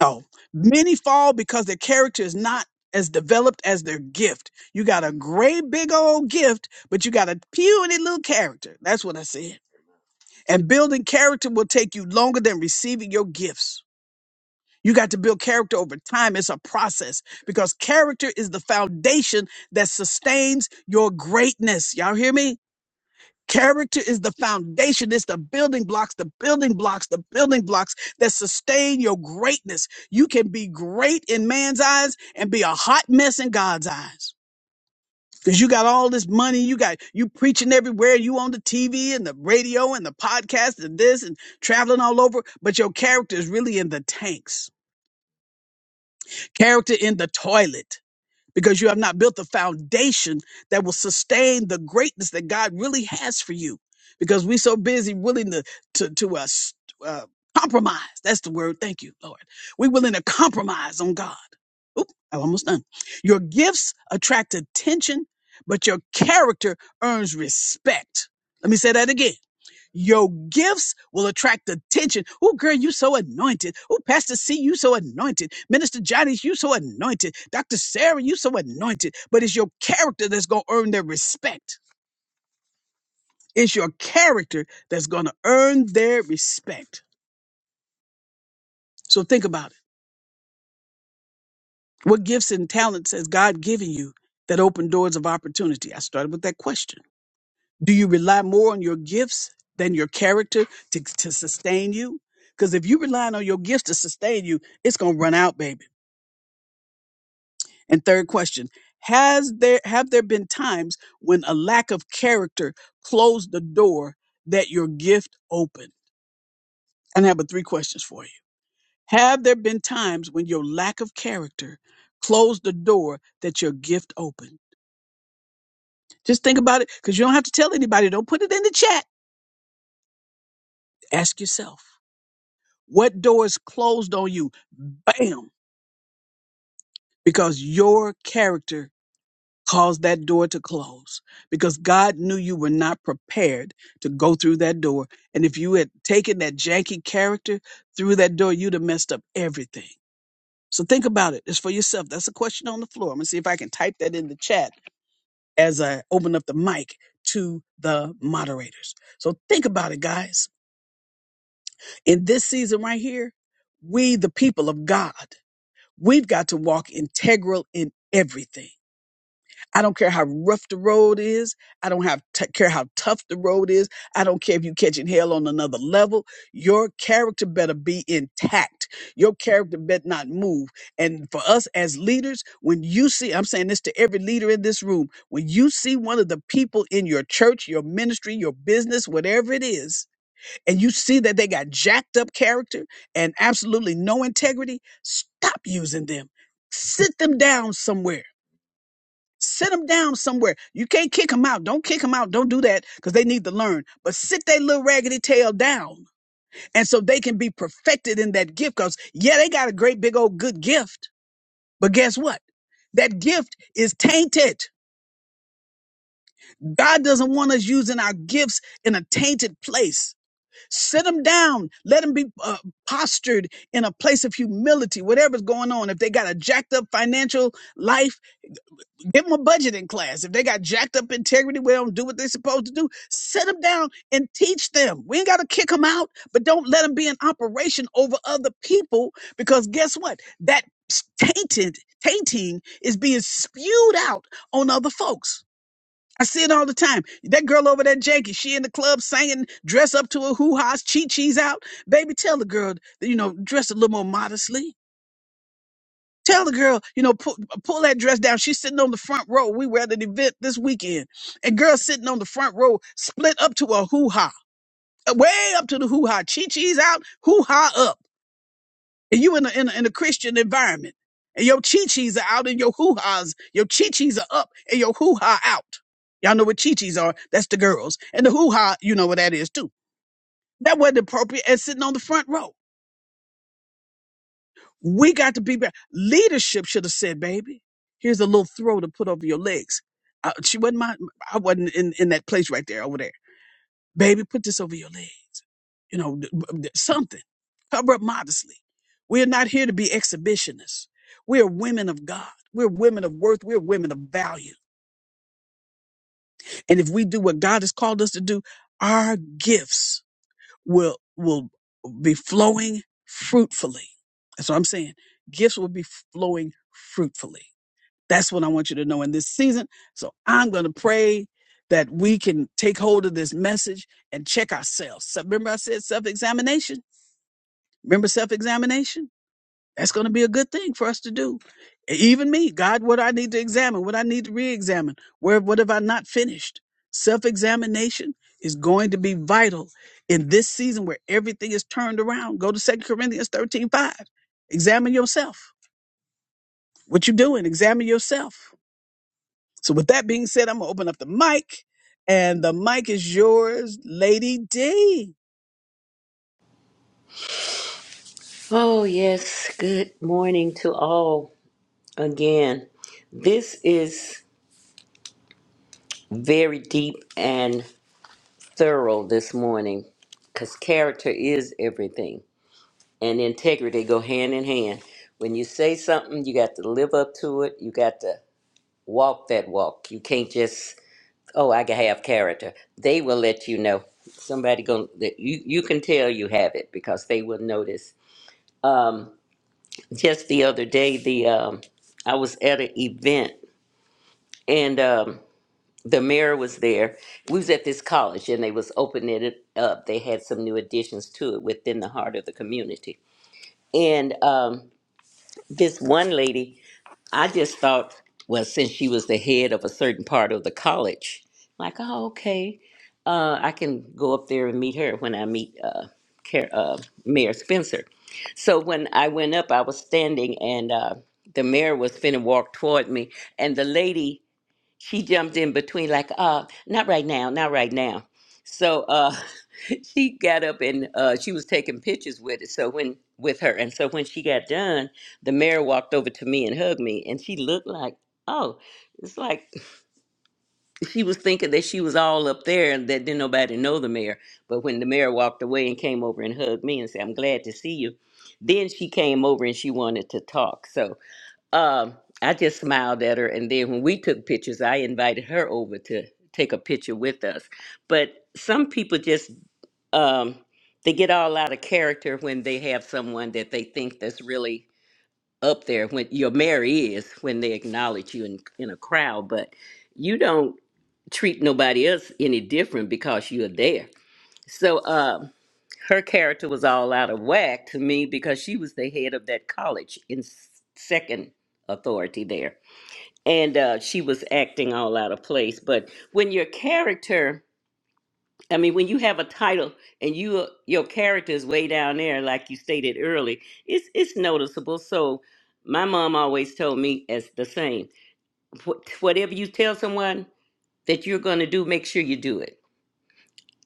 [SPEAKER 1] oh, many fall because their character is not as developed as their gift. You got a great big old gift, but you got a puny little character. That's what I said. And building character will take you longer than receiving your gifts. You got to build character over time. It's a process because character is the foundation that sustains your greatness. Y'all hear me? Character is the foundation. It's the building blocks, the building blocks, the building blocks that sustain your greatness. You can be great in man's eyes and be a hot mess in God's eyes. Cause you got all this money, you got you preaching everywhere, you on the TV and the radio and the podcast and this and traveling all over, but your character is really in the tanks character in the toilet because you have not built the foundation that will sustain the greatness that God really has for you. Because we're so busy willing to to to uh, s- uh, compromise. That's the word. Thank you, Lord. We're willing to compromise on God. Oop, I'm almost done. Your gifts attract attention, but your character earns respect. Let me say that again. Your gifts will attract attention. Oh, girl, you so anointed. Oh, Pastor C, you so anointed. Minister Johnny's, you so anointed. Dr. Sarah, you so anointed. But it's your character that's going to earn their respect. It's your character that's going to earn their respect. So think about it. What gifts and talents has God given you that open doors of opportunity? I started with that question. Do you rely more on your gifts than your character to, to sustain you? Because if you rely on your gifts to sustain you, it's gonna run out, baby. And third question: Has there have there been times when a lack of character closed the door that your gift opened? And I have a three questions for you. Have there been times when your lack of character closed the door that your gift opened? Just think about it, because you don't have to tell anybody. Don't put it in the chat. Ask yourself. What doors closed on you? Bam! Because your character caused that door to close. Because God knew you were not prepared to go through that door. And if you had taken that janky character through that door, you'd have messed up everything. So think about it. It's for yourself. That's a question on the floor. I'm going to see if I can type that in the chat as I open up the mic to the moderators. So think about it, guys. In this season right here, we, the people of God, We've got to walk integral in everything. I don't care how rough the road is. I don't have t- care how tough the road is. I don't care if you're catching hell on another level. Your character better be intact. Your character better not move. And for us as leaders, when you see, I'm saying this to every leader in this room, when you see one of the people in your church, your ministry, your business, whatever it is, and you see that they got jacked up character and absolutely no integrity, stop using them. Sit them down somewhere. Sit them down somewhere. You can't kick them out. Don't kick them out. Don't do that because they need to learn. But sit their little raggedy tail down. And so they can be perfected in that gift because, yeah, they got a great big old good gift. But guess what? That gift is tainted. God doesn't want us using our gifts in a tainted place. Sit them down. Let them be uh, postured in a place of humility, whatever's going on. If they got a jacked up financial life, give them a budgeting class. If they got jacked up integrity, where they don't do what they're supposed to do, sit them down and teach them. We ain't got to kick them out, but don't let them be in operation over other people because guess what? That tainted, tainting is being spewed out on other folks. I see it all the time. That girl over there, Janky, she in the club singing, dress up to her hoo-ha's, chi-chi's out. Baby, tell the girl, that, you know, dress a little more modestly. Tell the girl, you know, pull, pull that dress down. She's sitting on the front row. We were at an event this weekend. And girl sitting on the front row, split up to a hoo-ha, uh, way up to the hoo-ha. Chi-chi's out, hoo-ha up and you in a, in a in a Christian environment, and your chi-chis are out and your hoo-has, your chi-chis are up and your hoo-ha out. Y'all know what chi-chis are. That's the girls. And the hoo-ha, you know what that is too. That wasn't appropriate and sitting on the front row. We got to be better. Leadership should have said, baby, here's a little throw to put over your legs. Uh, she wasn't my, I wasn't in, in that place right there over there. Baby, put this over your legs. You know, d- b- d- something. Cover up modestly. We're not here to be exhibitionists. We're women of God. We're women of worth. We're women of value. And if we do what God has called us to do, our gifts will, will be flowing fruitfully. That's what I'm saying. Gifts will be flowing fruitfully. That's what I want you to know in this season. So I'm going to pray that we can take hold of this message and check ourselves. So remember, I said self examination. Remember self examination? That's going to be a good thing for us to do. E, Even me, God, what I need to examine, what I need to re examine, where what have I not finished? Self examination is going to be vital in this season where everything is turned around. Go to Second Corinthians 13:5. Examine yourself. What you doing? Examine yourself. So, with that being said, I'm gonna open up the mic, and the mic is yours, Lady D.
[SPEAKER 2] Oh, yes. Good morning to all again. This is very deep and thorough this morning because character is everything and integrity go hand in hand. When you say something, you got to live up to it, you got to walk that walk. You can't just, oh, I can have character. They will let you know. Somebody going to you you can tell you have it because they will notice. Um. Just the other day, the um, I was at an event and um, the mayor was there. We was at this college and they was opening it up. They had some new additions to it within the heart of the community. And um, this one lady I just thought, well, since she was the head of a certain part of the college, like, oh, okay, uh, I can go up there and meet her when I meet uh, Car- uh, Mayor Spencer. So when I went up, I was standing, and uh, the mayor was finna walk toward me, and the lady she jumped in between like uh not right now not right now so uh *laughs* she got up and uh she was taking pictures with it so when with her and so when she got done the mayor walked over to me and hugged me and she looked like oh it's like *laughs* she was thinking that she was all up there and that didn't nobody know the mayor but when the mayor walked away and came over and hugged me and said i'm glad to see you then she came over and she wanted to talk so um, I just smiled at her, and then when we took pictures, I invited her over to take a picture with us. But some people just um, they get all out of character when they have someone that they think that's really up there. When your Mary is when they acknowledge you in in a crowd, but you don't treat nobody else any different because you're there. So um, her character was all out of whack to me because she was the head of that college in s- second authority there and uh, she was acting all out of place. But when your character, I mean, when you have a title and you uh, your character is way down there, like you stated early, it's it's noticeable. So my mom always told me as the same: Wh- whatever you tell someone that you're going to do, make sure you do it.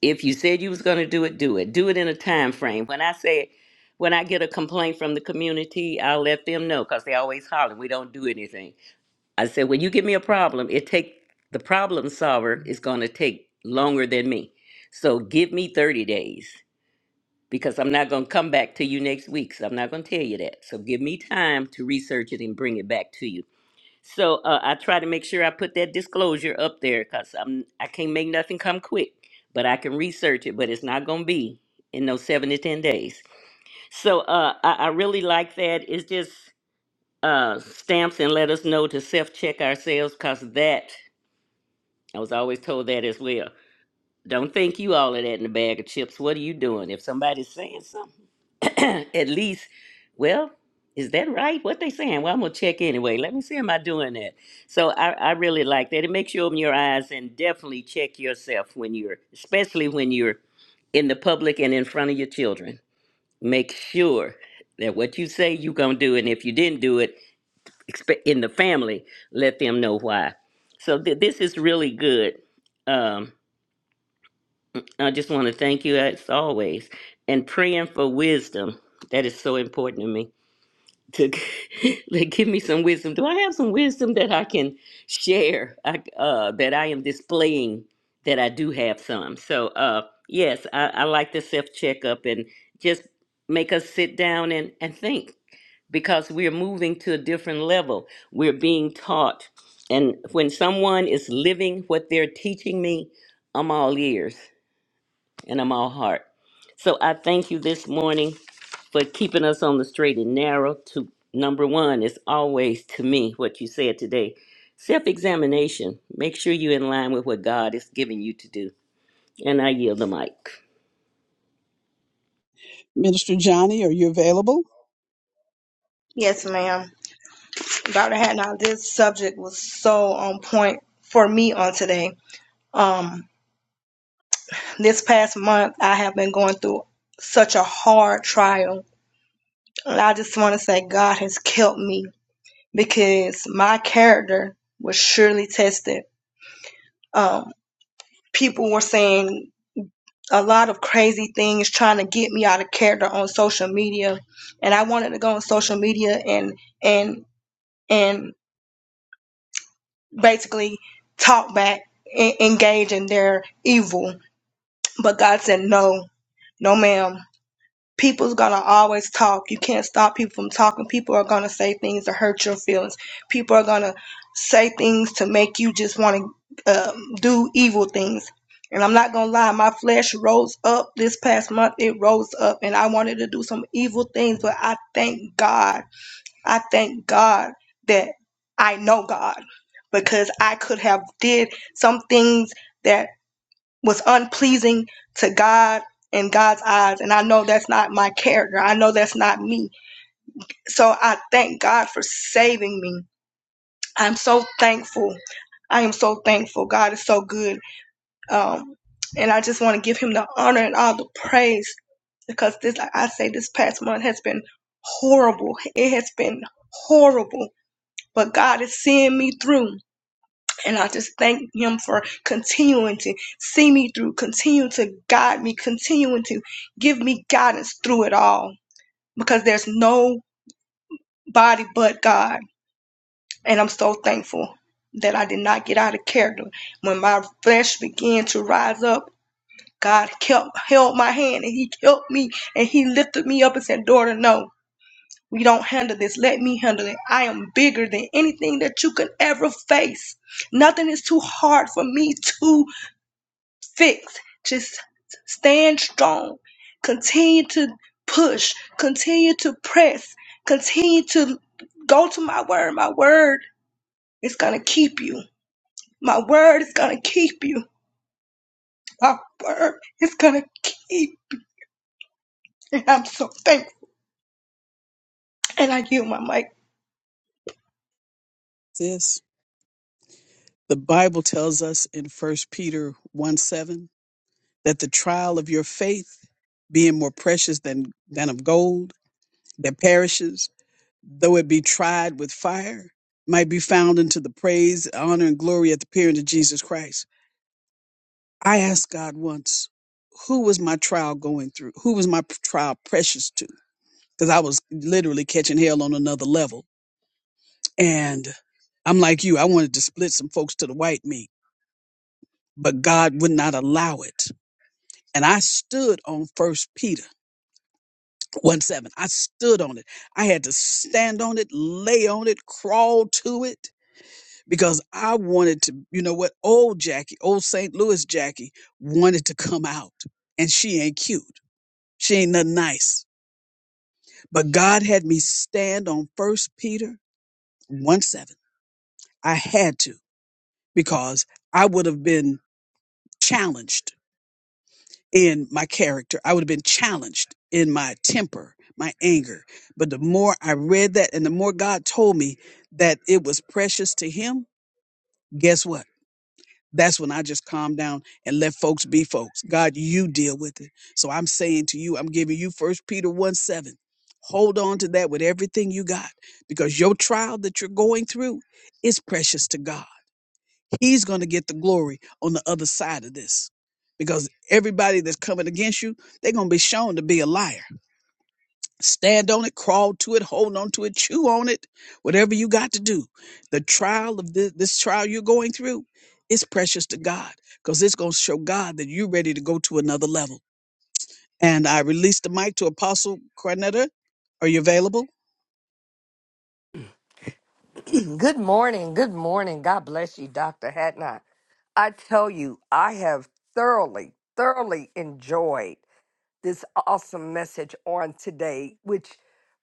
[SPEAKER 2] If you said you was going to do it, do it. Do it in a time frame. When I say when I get a complaint from the community, I'll let them know because they always holler, we don't do anything I said, when you give me a problem, it take the problem solver is going to take longer than me. So give me 30 days because I'm not going to come back to you next week. So I'm not going to tell you that. So give me time to research it and bring it back to you. So uh, I try to make sure I put that disclosure up there because I'm I can't make nothing come quick, but I can research it. But it's not going to be in those seven to ten days. So uh, I, I really like that. It's just uh, stamps and let us know to self check ourselves because that I was always told that as well. Don't think you all of that in a bag of chips. What are you doing? If somebody's saying something, *clears throat* at least, well, is that right? What they saying? Well, I'm gonna check anyway. Let me see, am I doing that? So I, I really like that. It makes you open your eyes and definitely check yourself when you're, especially when you're in the public and in front of your children. Make sure that what you say you're gonna do, and if you didn't do it, expe- in the family, let them know why. So th- this is really good. Um, I just want to thank you as always and praying for wisdom. That is so important to me. To *laughs* like, give me some wisdom. Do I have some wisdom that I can share? I, uh, that I am displaying that I do have some. So uh, yes, I, I like the self checkup and just make us sit down and, and think because we're moving to a different level. We're being taught, and when someone is living what they're teaching me, I'm all ears and I'm all heart. So I thank you this morning for keeping us on the straight and narrow. To number one is always to me what you said today. Self-examination. Make sure you're in line with what God is giving you to do. And I yield the mic.
[SPEAKER 1] Minister Johnny, are you available?
[SPEAKER 5] Yes, ma'am. Dr. Hatnall, this subject was so on point for me on today. Um, this past month, I have been going through such a hard trial. And I just want to say God has kept me because my character was surely tested. Um, people were saying a lot of crazy things trying to get me out of character on social media. And I wanted to go on social media and, and, and basically talk back and engage in their evil. But God said, no, no, ma'am. People's gonna always talk. You can't stop people from talking. People are gonna say things to hurt your feelings. People are gonna say things to make you just want to um, do evil things. And I'm not gonna lie, my flesh rose up this past month. It rose up, and I wanted to do some evil things. But I thank God I thank God that I know God because I could have did some things that was unpleasing to God in God's eyes and I know that's not my character. I know that's not me. So I thank God for saving me. I'm so thankful. I am so thankful. God is so good. Um and I just want to give him the honor and all the praise because this like I say this past month has been horrible. It has been horrible but God is seeing me through. And I just thank Him for continuing to see me through, continuing to guide me, continuing to give me guidance through it all because there's nobody but God. And I'm so thankful that I did not get out of character. When my flesh began to rise up, God kept held my hand and He helped me and He lifted me up and said, Daughter, no. We don't handle this. Let me handle it. I am bigger than anything that you could ever face. Nothing is too hard for me to fix. Just stand strong. Continue to push. Continue to press. Continue to go to my word. My word is going to keep you. My word is going to keep you. My word is going to keep. And I'm so thankful. And I yield my mic.
[SPEAKER 1] Sis. The Bible tells us in First Peter 1 7 that the trial of your faith, being more precious than, than of gold that perishes, though it be tried with fire, might be found unto the praise, honor, and glory at the appearing of Jesus Christ. I asked God once, who was my trial going through? Who was my p- trial precious to? Because I was literally catching hell on another level. And I'm like you, I wanted to split some folks to the white meat, but God would not allow it and I stood on First Peter one seven. I stood on it. I had to stand on it, lay on it, crawl to it because I wanted to. You know what? Old Jackie, old St. Louis Jackie, wanted to come out, and she ain't cute. She ain't nothing nice. But God had me stand on First Peter one seven. I had to because I would have been challenged in my character. I would have been challenged in my temper, my anger. But the more I read that and the more God told me that it was precious to Him, guess what? That's when I just calmed down and let folks be folks. God, you deal with it. So I'm saying to you, I'm giving you First Peter 1 7. Hold on to that with everything you got because your trial that you're going through is precious to God. He's going to get the glory on the other side of this because everybody that's coming against you, they're going to be shown to be a liar. Stand on it, crawl to it, hold on to it, chew on it, whatever you got to do. The trial of this, this trial you're going through is precious to God because it's going to show God that you're ready to go to another level. And I release the mic to Apostle Cornetta. Are you available?
[SPEAKER 4] *clears throat* Good morning. Good morning. God bless you, Dr. Hatnot. I tell you, I have thoroughly, thoroughly enjoyed this awesome message on today, which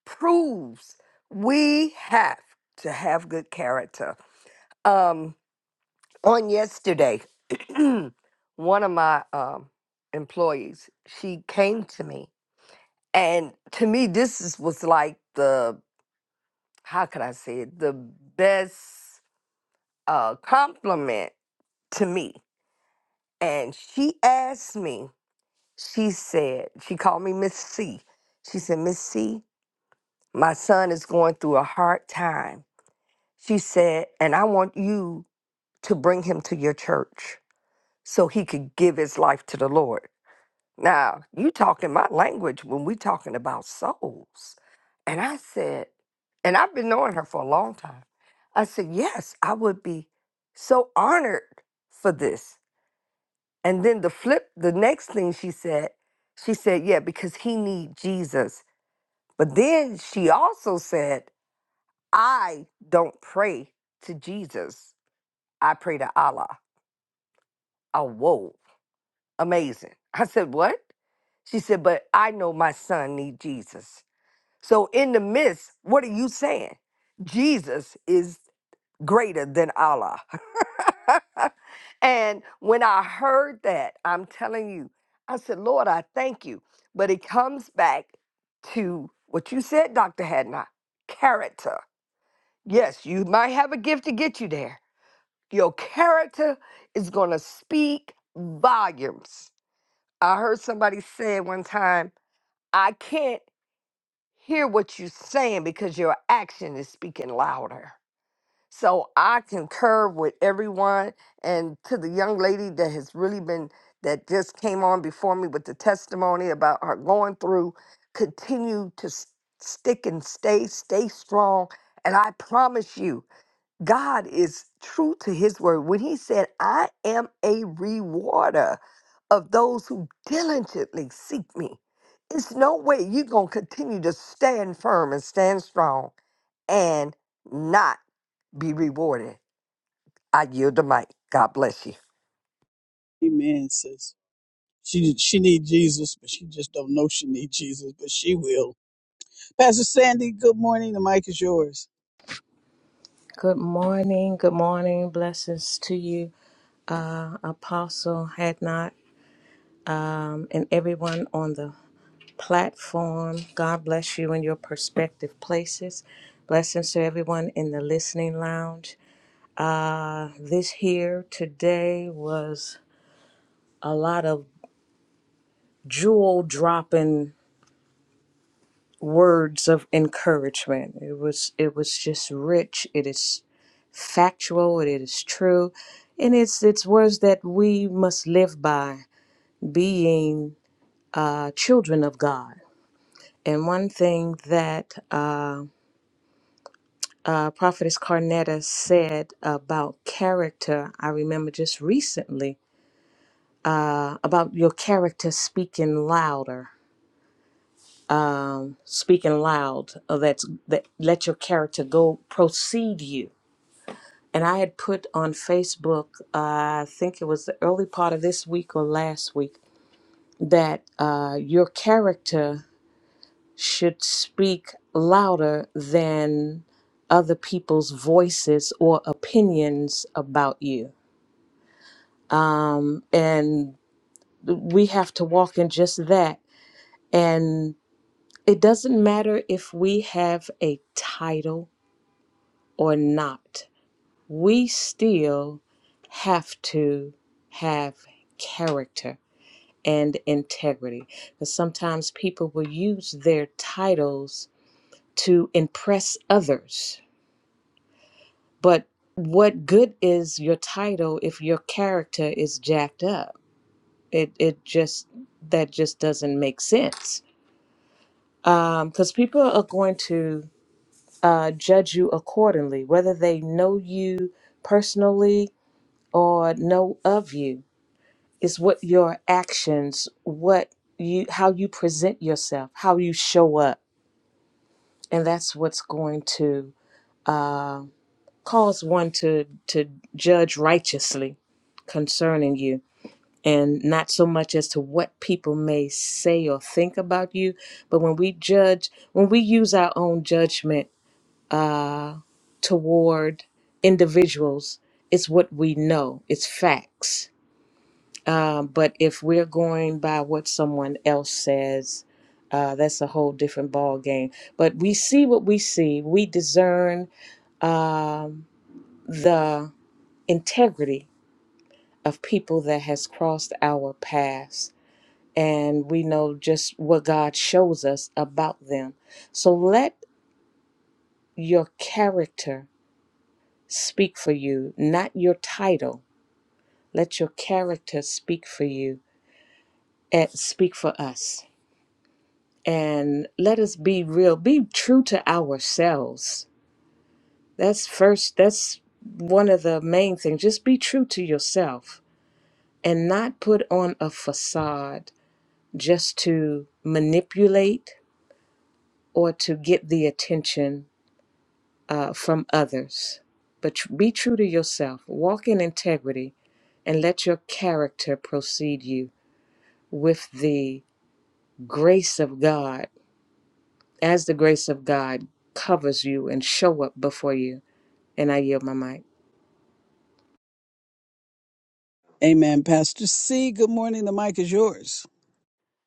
[SPEAKER 4] proves we have to have good character. Um, on yesterday, *clears throat* one of my um, employees, she came to me, and to me, this is, was like the, how can I say it, the best a compliment to me. And she asked me, she said, she called me Miss C. She said, Miss C, my son is going through a hard time. She said, and I want you to bring him to your church so he could give his life to the Lord. Now, you talking my language when we talking about souls. And I said, and I've been knowing her for a long time. I said, yes, I would be so honored for this. And then the flip, the next thing she said, she said, yeah, because he need Jesus. But then she also said, I don't pray to Jesus. I pray to Allah. Oh, whoa. Amazing. I said, what? She said, but I know my son need Jesus. So in the midst, what are you saying? Jesus is greater than Allah. *laughs* and when I heard that, I'm telling you, I said, Lord, I thank you. But it comes back to what you said, Dr. Hadnot character. Yes, you might have a gift to get you there. Your character is going to speak volumes. I heard somebody say one time, I can't hear what you're saying because your action is speaking louder. So I concur with everyone and to the young lady that has really been, that just came on before me with the testimony about her going through, continue to s- stick and stay, stay strong. And I promise you, God is true to his word. When he said, I am a rewarder of those who diligently seek me, it's no way you're going to continue to stand firm and stand strong and not be rewarded. I yield the mic. God bless you.
[SPEAKER 1] Amen, sis. She she need Jesus, but she just don't know she need Jesus, but she will. Pastor Sandy, good morning. The mic is yours.
[SPEAKER 3] Good morning. Good morning. Blessings to you, uh, Apostle Had not, um, and everyone on the platform. God bless you in your prospective places. Blessings to everyone in the listening lounge. Uh, this here today was a lot of jewel dropping words of encouragement. It was it was just rich. It is factual. It is true, and it's it's words that we must live by, being uh, children of God. And one thing that uh, uh, Prophetess Carnetta said about character, I remember just recently uh, about your character speaking louder. Um, speaking loud, uh, that's that. Let your character go, proceed you And I had put on Facebook, uh, I think it was the early part of this week or last week, that uh, your character should speak louder than other people's voices or opinions about you. Um, and we have to walk in just that. And it doesn't matter if we have a title or not we still have to have character and integrity. Because sometimes people will use their titles to impress others. But what good is your title if your character is jacked up? It, it just, that just doesn't make sense. Because um, people are going to uh, judge you accordingly, whether they know you personally or know of you is what your actions, what you, how you present yourself, how you show up, and that's what's going to uh, cause one to to judge righteously concerning you, and not so much as to what people may say or think about you, but when we judge, when we use our own judgment uh, toward individuals, it's what we know, it's facts Um, but if we're going by what someone else says, uh, that's a whole different ball game. But we see what we see. We discern um, the integrity of people that has crossed our paths, and we know just what God shows us about them. So let your character speak for you, not your title. Let your character speak for you and speak for us and let us be real be true to ourselves that's first that's one of the main things just be true to yourself and not put on a facade just to manipulate or to get the attention uh, from others but tr- be true to yourself walk in integrity and let your character proceed you with the grace of god as the grace of god covers you and show up before you And I yield my mic.
[SPEAKER 1] Amen. Pastor C, good morning. The mic is yours.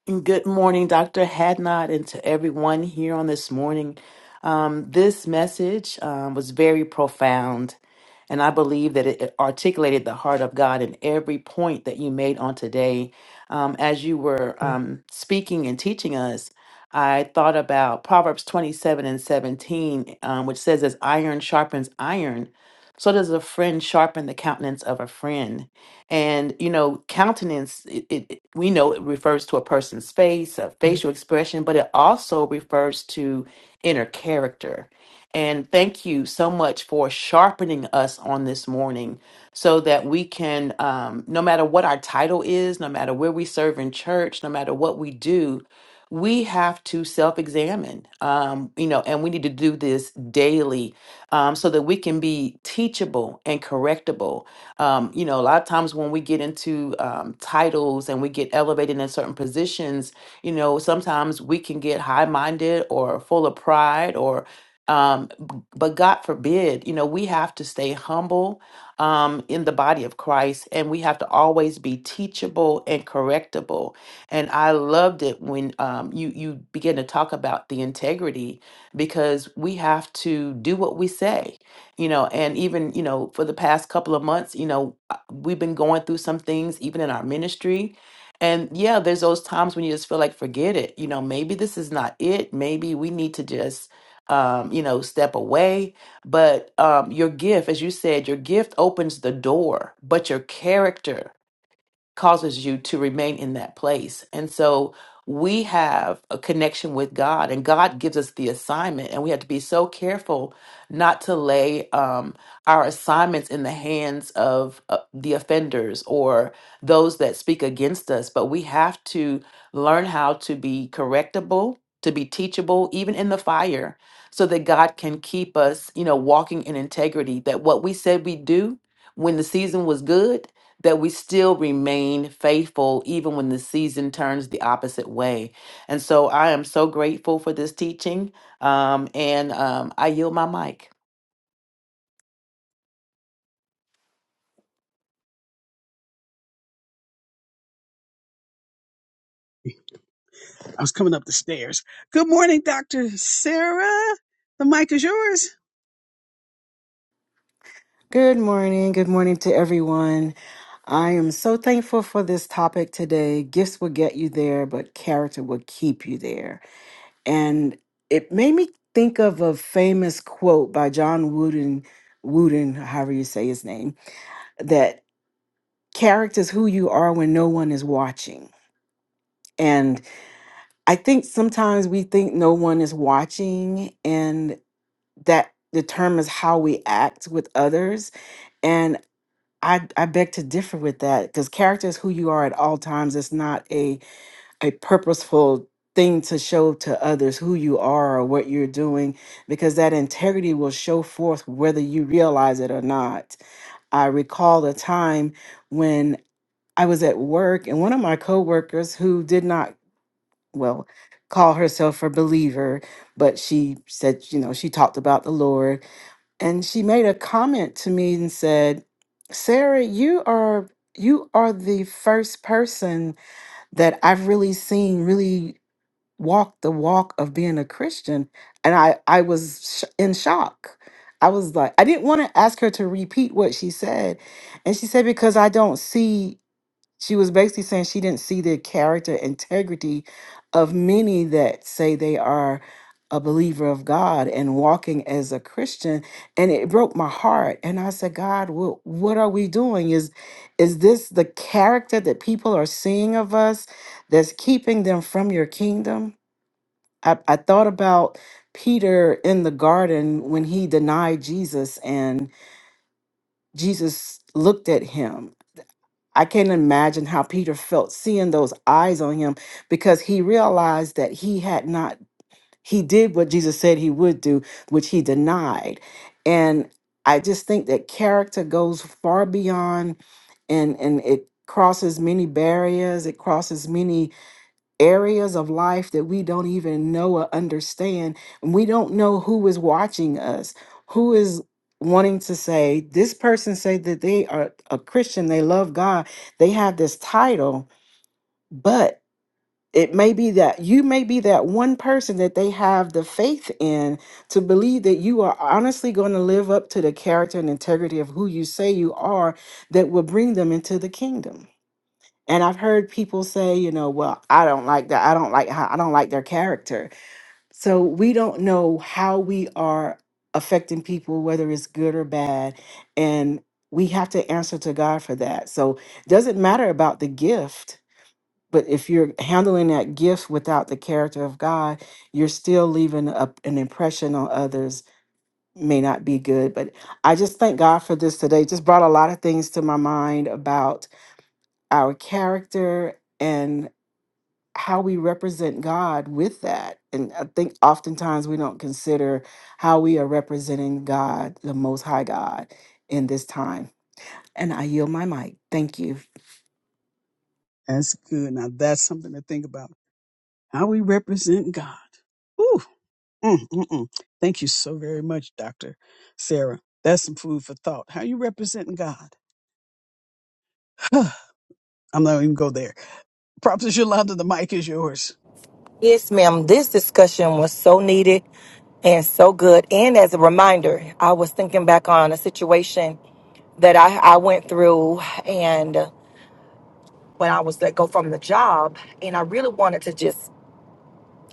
[SPEAKER 6] Good morning, Dr. Hadnot, and to everyone here on this morning. Um, this message um, was very profound, and I believe that it it articulated the heart of God in every point that you made on today. Um, as you were um, speaking and teaching us, I thought about Proverbs 27 and 17, um, which says, As iron sharpens iron, so does a friend sharpen the countenance of a friend. And you know, countenance it, it it- we know it refers to a person's face, a facial expression, but it also refers to inner character. And thank you so much for sharpening us on this morning so that we can, um, no matter what our title is, no matter where we serve in church, no matter what we do, we have to self examine, um, you know, and we need to do this daily um, so that we can be teachable and correctable um, you know, a lot of times when we get into um, titles and we get elevated in certain positions, you know, sometimes we can get high minded or full of pride or um b- but god forbid you know we have to stay humble um in the body of christ and we have to always be teachable and correctable and i loved it when um you you begin to talk about the integrity because we have to do what we say you know and even you know for the past couple of months you know uh, we've been going through some things even in our ministry and yeah there's those times when you just feel like forget it you know maybe this is not it maybe we need to just um you know step away but um your gift as you said your gift opens the door but your character causes you to remain in that place. And so we have a connection with God, and God gives us the assignment, and we have to be so careful not to lay um, our assignments in the hands of uh, the offenders or those that speak against us. But we have to learn how to be correctable, to be teachable, even in the fire, so that God can keep us, you know, walking in integrity. That what we said we do when the season was good that we still remain faithful even when the season turns the opposite way. And so I am so grateful for this teaching. Um, and um, I yield my mic.
[SPEAKER 1] I was coming up the stairs. Good morning, Dr. Sarah. The mic is yours.
[SPEAKER 7] Good morning. Good morning to everyone. I am so thankful for this topic today. Gifts will get you there, but character will keep you there. And it made me think of a famous quote by John Wooden, Wooden, however you say his name, that character is who you are when no one is watching. And I think sometimes we think no one is watching, and that determines how we act with others. And I, I beg to differ with that because character is who you are at all times. It's not a, a purposeful thing to show to others who you are or what you're doing because that integrity will show forth whether you realize it or not. I recall a time when I was at work and one of my coworkers who did not, well, call herself a believer, but she said, you know, she talked about the Lord and she made a comment to me and said, "Sarah, you are you are the first person that I've really seen really walk the walk of being a Christian." And I I was sh- in shock. I was like, I didn't want to ask her to repeat what she said, and she said because I don't see. She was basically saying she didn't see the character integrity of many that say they are a believer of God and walking as a Christian. And it broke my heart. And I said, God, what, what are we doing? Is is this the character that people are seeing of us that's keeping them from your kingdom? I, I thought about Peter in the garden when he denied Jesus and Jesus looked at him I can't imagine how Peter felt seeing those eyes on him because he realized that he had not, he did what Jesus said he would do, which he denied. And I just think that character goes far beyond and and it crosses many barriers it crosses many areas of life that we don't even know or understand. And we don't know who is watching us, who is wanting to say, this person say that they are a Christian, they love God, they have this title, but it may be that you may be that one person that they have the faith in to believe that you are honestly going to live up to the character and integrity of who you say you are that will bring them into the kingdom. And I've heard people say, you know, well, I don't like that. I don't like how I don't like their character. So we don't know how we are affecting people, whether it's good or bad. And we have to answer to God for that. So it doesn't matter about the gift, but if you're handling that gift without the character of God, you're still leaving a, an impression on others may not be good. But I just thank God for this today. Just brought a lot of things to my mind about our character how we represent God with that. And I think oftentimes we don't consider how we are representing God, the Most High God, in this time. And I yield my mic. Thank you.
[SPEAKER 1] That's good. Now that's something to think about. How we represent God. Ooh, mm, mm, mm. Thank you so very much, Dr. Sarah. That's some food for thought. How you representing God? *sighs* I'm not even go there. Props Yolanda, the mic is yours.
[SPEAKER 8] Yes, ma'am. This discussion was so needed and so good. And as a reminder, I was thinking back on a situation that I, I went through and uh, when I was let go from the job and I really wanted to just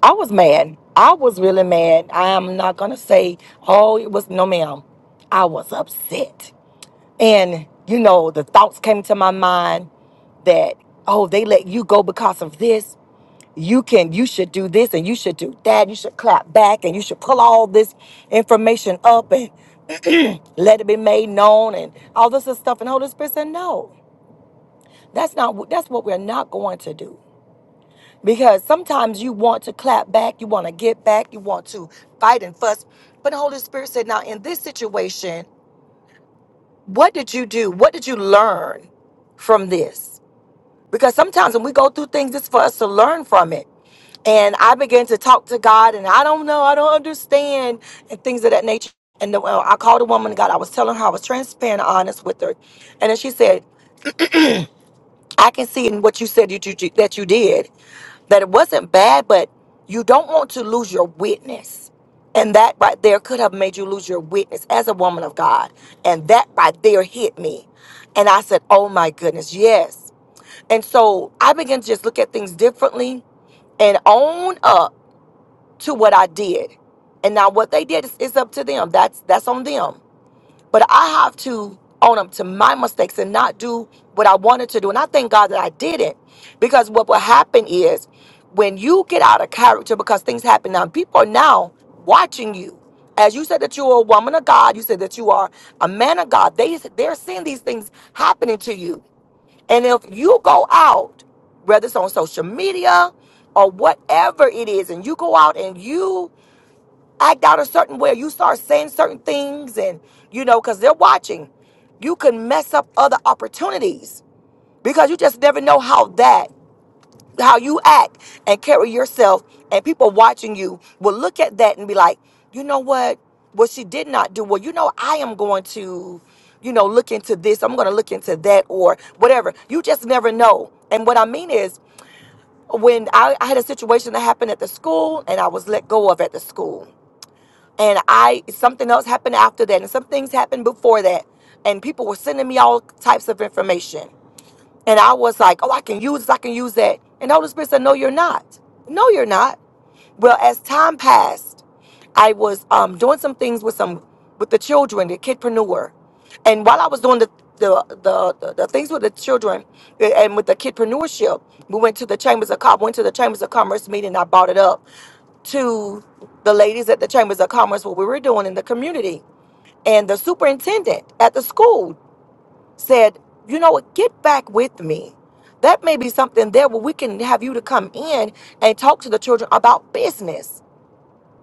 [SPEAKER 8] I was mad. I was really mad. I am not gonna say, oh, it was no ma'am. I was upset. And you know, the thoughts came to my mind that, oh, they let you go because of this you can you should do this and you should do that you should clap back and you should pull all this information up and *clears throat* let it be made known and all this other stuff and holy spirit said no that's not wh- that's what we're not going to do because sometimes you want to clap back you want to get back you want to fight and fuss but the holy spirit said now in this situation what did you do what did you learn from this Because sometimes when we go through things, it's for us to learn from it. And I began to talk to God, and I don't know, I don't understand, and things of that nature. And the, well, I called a woman, of God, I was telling her, I was transparent, honest with her. And then she said, I can see in what you said that you, that you did that it wasn't bad, but you don't want to lose your witness. And that right there could have made you lose your witness as a woman of God. And that right there hit me. And I said, Oh my goodness, yes. And so I began to just look at things differently and own up to what I did. And now what they did is, is up to them. That's that's on them. But I have to own up to my mistakes and not do what I wanted to do. And I thank God that I didn't. Because what will happen is when you get out of character because things happen now, people are now watching you. As you said that you are a woman of God, you said that you are a man of God. They they're seeing these things happening to you. And if you go out, whether it's on social media or whatever it is, and you go out and you act out a certain way, you start saying certain things, and you know, because they're watching, you can mess up other opportunities because you just never know how that how you act and carry yourself and people watching you will look at that and be like you know what what she did not do well you know i am going to you know look into this i'm going to look into that or whatever you just never know and what i mean is when I, I had a situation that happened at the school and i was let go of at the school and i something else happened after that and some things happened before that and people were sending me all types of information and I was like, oh, I can use this, I can use that. And the Holy Spirit said, no, you're not. No, you're not. Well, as time passed, I was um, doing some things with some with the children, the kidpreneur. And while I was doing the the, the, the, the things with the children a- and with the kidpreneurship, we went to the chambers of com went to the chambers of commerce meeting. I brought it up to the ladies at the chambers of commerce what we were doing in the community and the superintendent at the school said, you know what, get back with me. That may be something there where we can have you to come in and talk to the children about business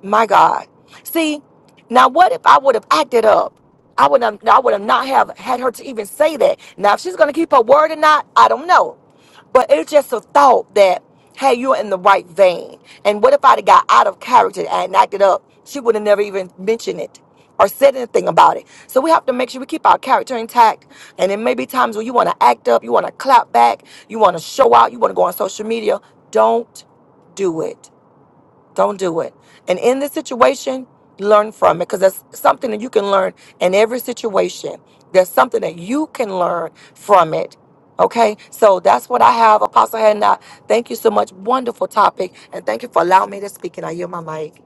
[SPEAKER 8] my God. See, now what if I would have acted up? I would have I would have not have had her to even say that. Now if she's gonna keep her word or not, I don't know. But it's just a thought that, hey, you're in the right vein. And what if I'd have got out of character and acted up? She would have never even mentioned it or said anything about it. So we have to make sure we keep our character intact. And there may be times where you want to act up, you want to clap back, you want to show out, you want to go on social media. Don't do it. Don't do it. And in this situation, learn from it because that's something that you can learn in every situation. There's something that you can learn from it. Okay, so that's what I have, Apostle Hannah. Thank you so much. Wonderful topic, and thank you for allowing me to speak. And I yield my mic.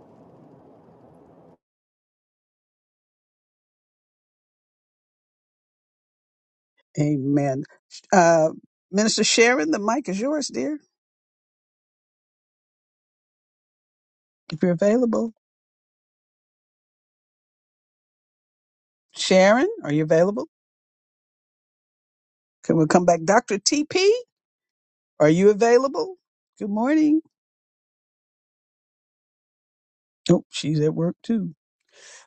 [SPEAKER 1] Amen. Uh, Minister Sharon, the mic is yours, dear. If you're available. Sharon, are you available? Can we come back? Dr. TP? Are you available? Good morning. Oh, she's at work too.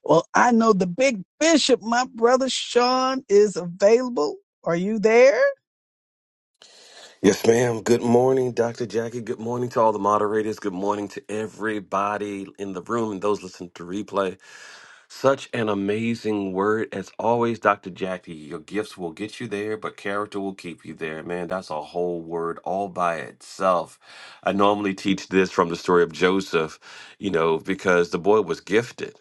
[SPEAKER 1] Well, I know the big bishop, my brother Sean, is available. Are you there?
[SPEAKER 9] Yes, ma'am. Good morning, Dr. Jackie. Good morning to all the moderators. Good morning to everybody in the room and those listening to replay. Such an amazing word. As always, Dr. Jackie, your gifts will get you there, but character will keep you there. Man, that's a whole word all by itself. I normally teach this from the story of Joseph, you know, because the boy was gifted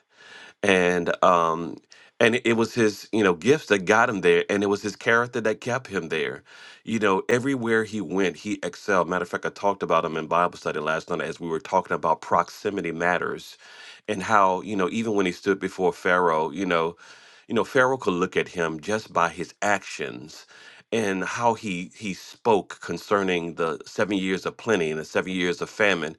[SPEAKER 9] and um and it it was his you know gifts that got him there and it was his character that kept him there you know everywhere he went he excelled matter of fact i talked about him in bible study last night as we were talking about proximity matters and how you know even when he stood before pharaoh you know you know pharaoh could look at him just by his actions and how he he spoke concerning the seven years of plenty and the seven years of famine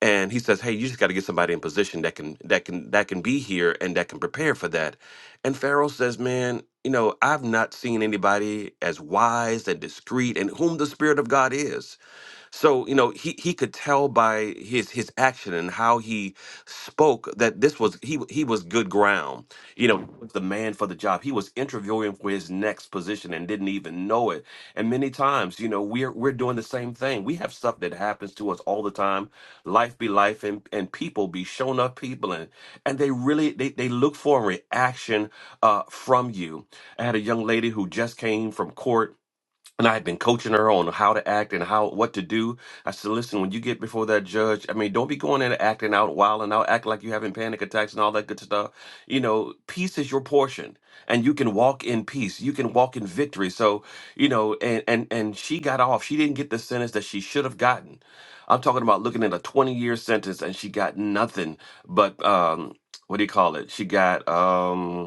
[SPEAKER 9] and he says hey you just got to get somebody in position that can that can that can be here and that can prepare for that and pharaoh says man you know i've not seen anybody as wise and discreet and whom the spirit of god is so, you know, he he could tell by his his action and how he spoke that this was he he was good ground. You know, he was the man for the job. He was interviewing for his next position and didn't even know it. And many times, you know, we're we're doing the same thing. We have stuff that happens to us all the time. Life be life and and people be showing up people and and they really they, they look for a reaction uh from you. I had a young lady who just came from court and I had been coaching her on how to act and how what to do. I said, "Listen, when you get before that judge, I mean, don't be going in and acting out wild and out, acting like you're having panic attacks and all that good stuff. You know, peace is your portion, and you can walk in peace. You can walk in victory. So, you know, and and and she got off. She didn't get the sentence that she should have gotten. I'm talking about looking at a 20 year sentence, and she got nothing but um, what do you call it? She got um."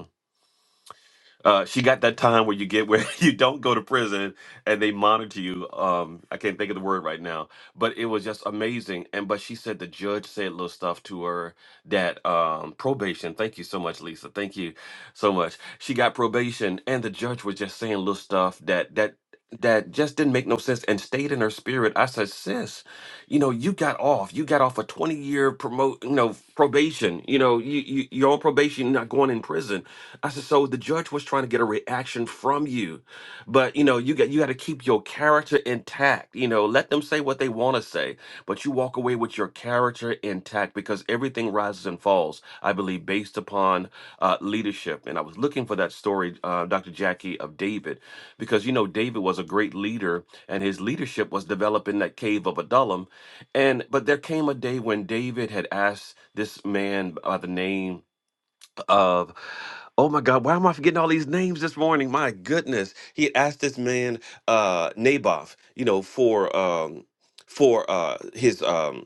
[SPEAKER 9] Uh, she got that time where you get where *laughs* you don't go to prison and they monitor you. Um, I can't think of the word right now, but it was just amazing. And but she said the judge said little stuff to her that um, probation. Thank you so much, Lisa. Thank you so much. She got probation, and the judge was just saying little stuff that that that just didn't make no sense and stayed in her spirit. I said, sis, you know, you got off. You got off a 20 year promote, you know, probation. You know, you, you you're on probation, you're not going in prison I said, so the judge was trying to get a reaction from you, but you know, you got you got to keep your character intact. You know, let them say what they want to say, but you walk away with your character intact because everything rises and falls, I believe, based upon uh, leadership. And I was looking for that story, uh, Dr. Jackie, of David, because you know David was a great leader, and his leadership was developed in that cave of Adullam. And but there came a day when David had asked this man by the name of oh my god why am i forgetting all these names this morning my goodness he had asked this man uh naboth you know for um for uh his um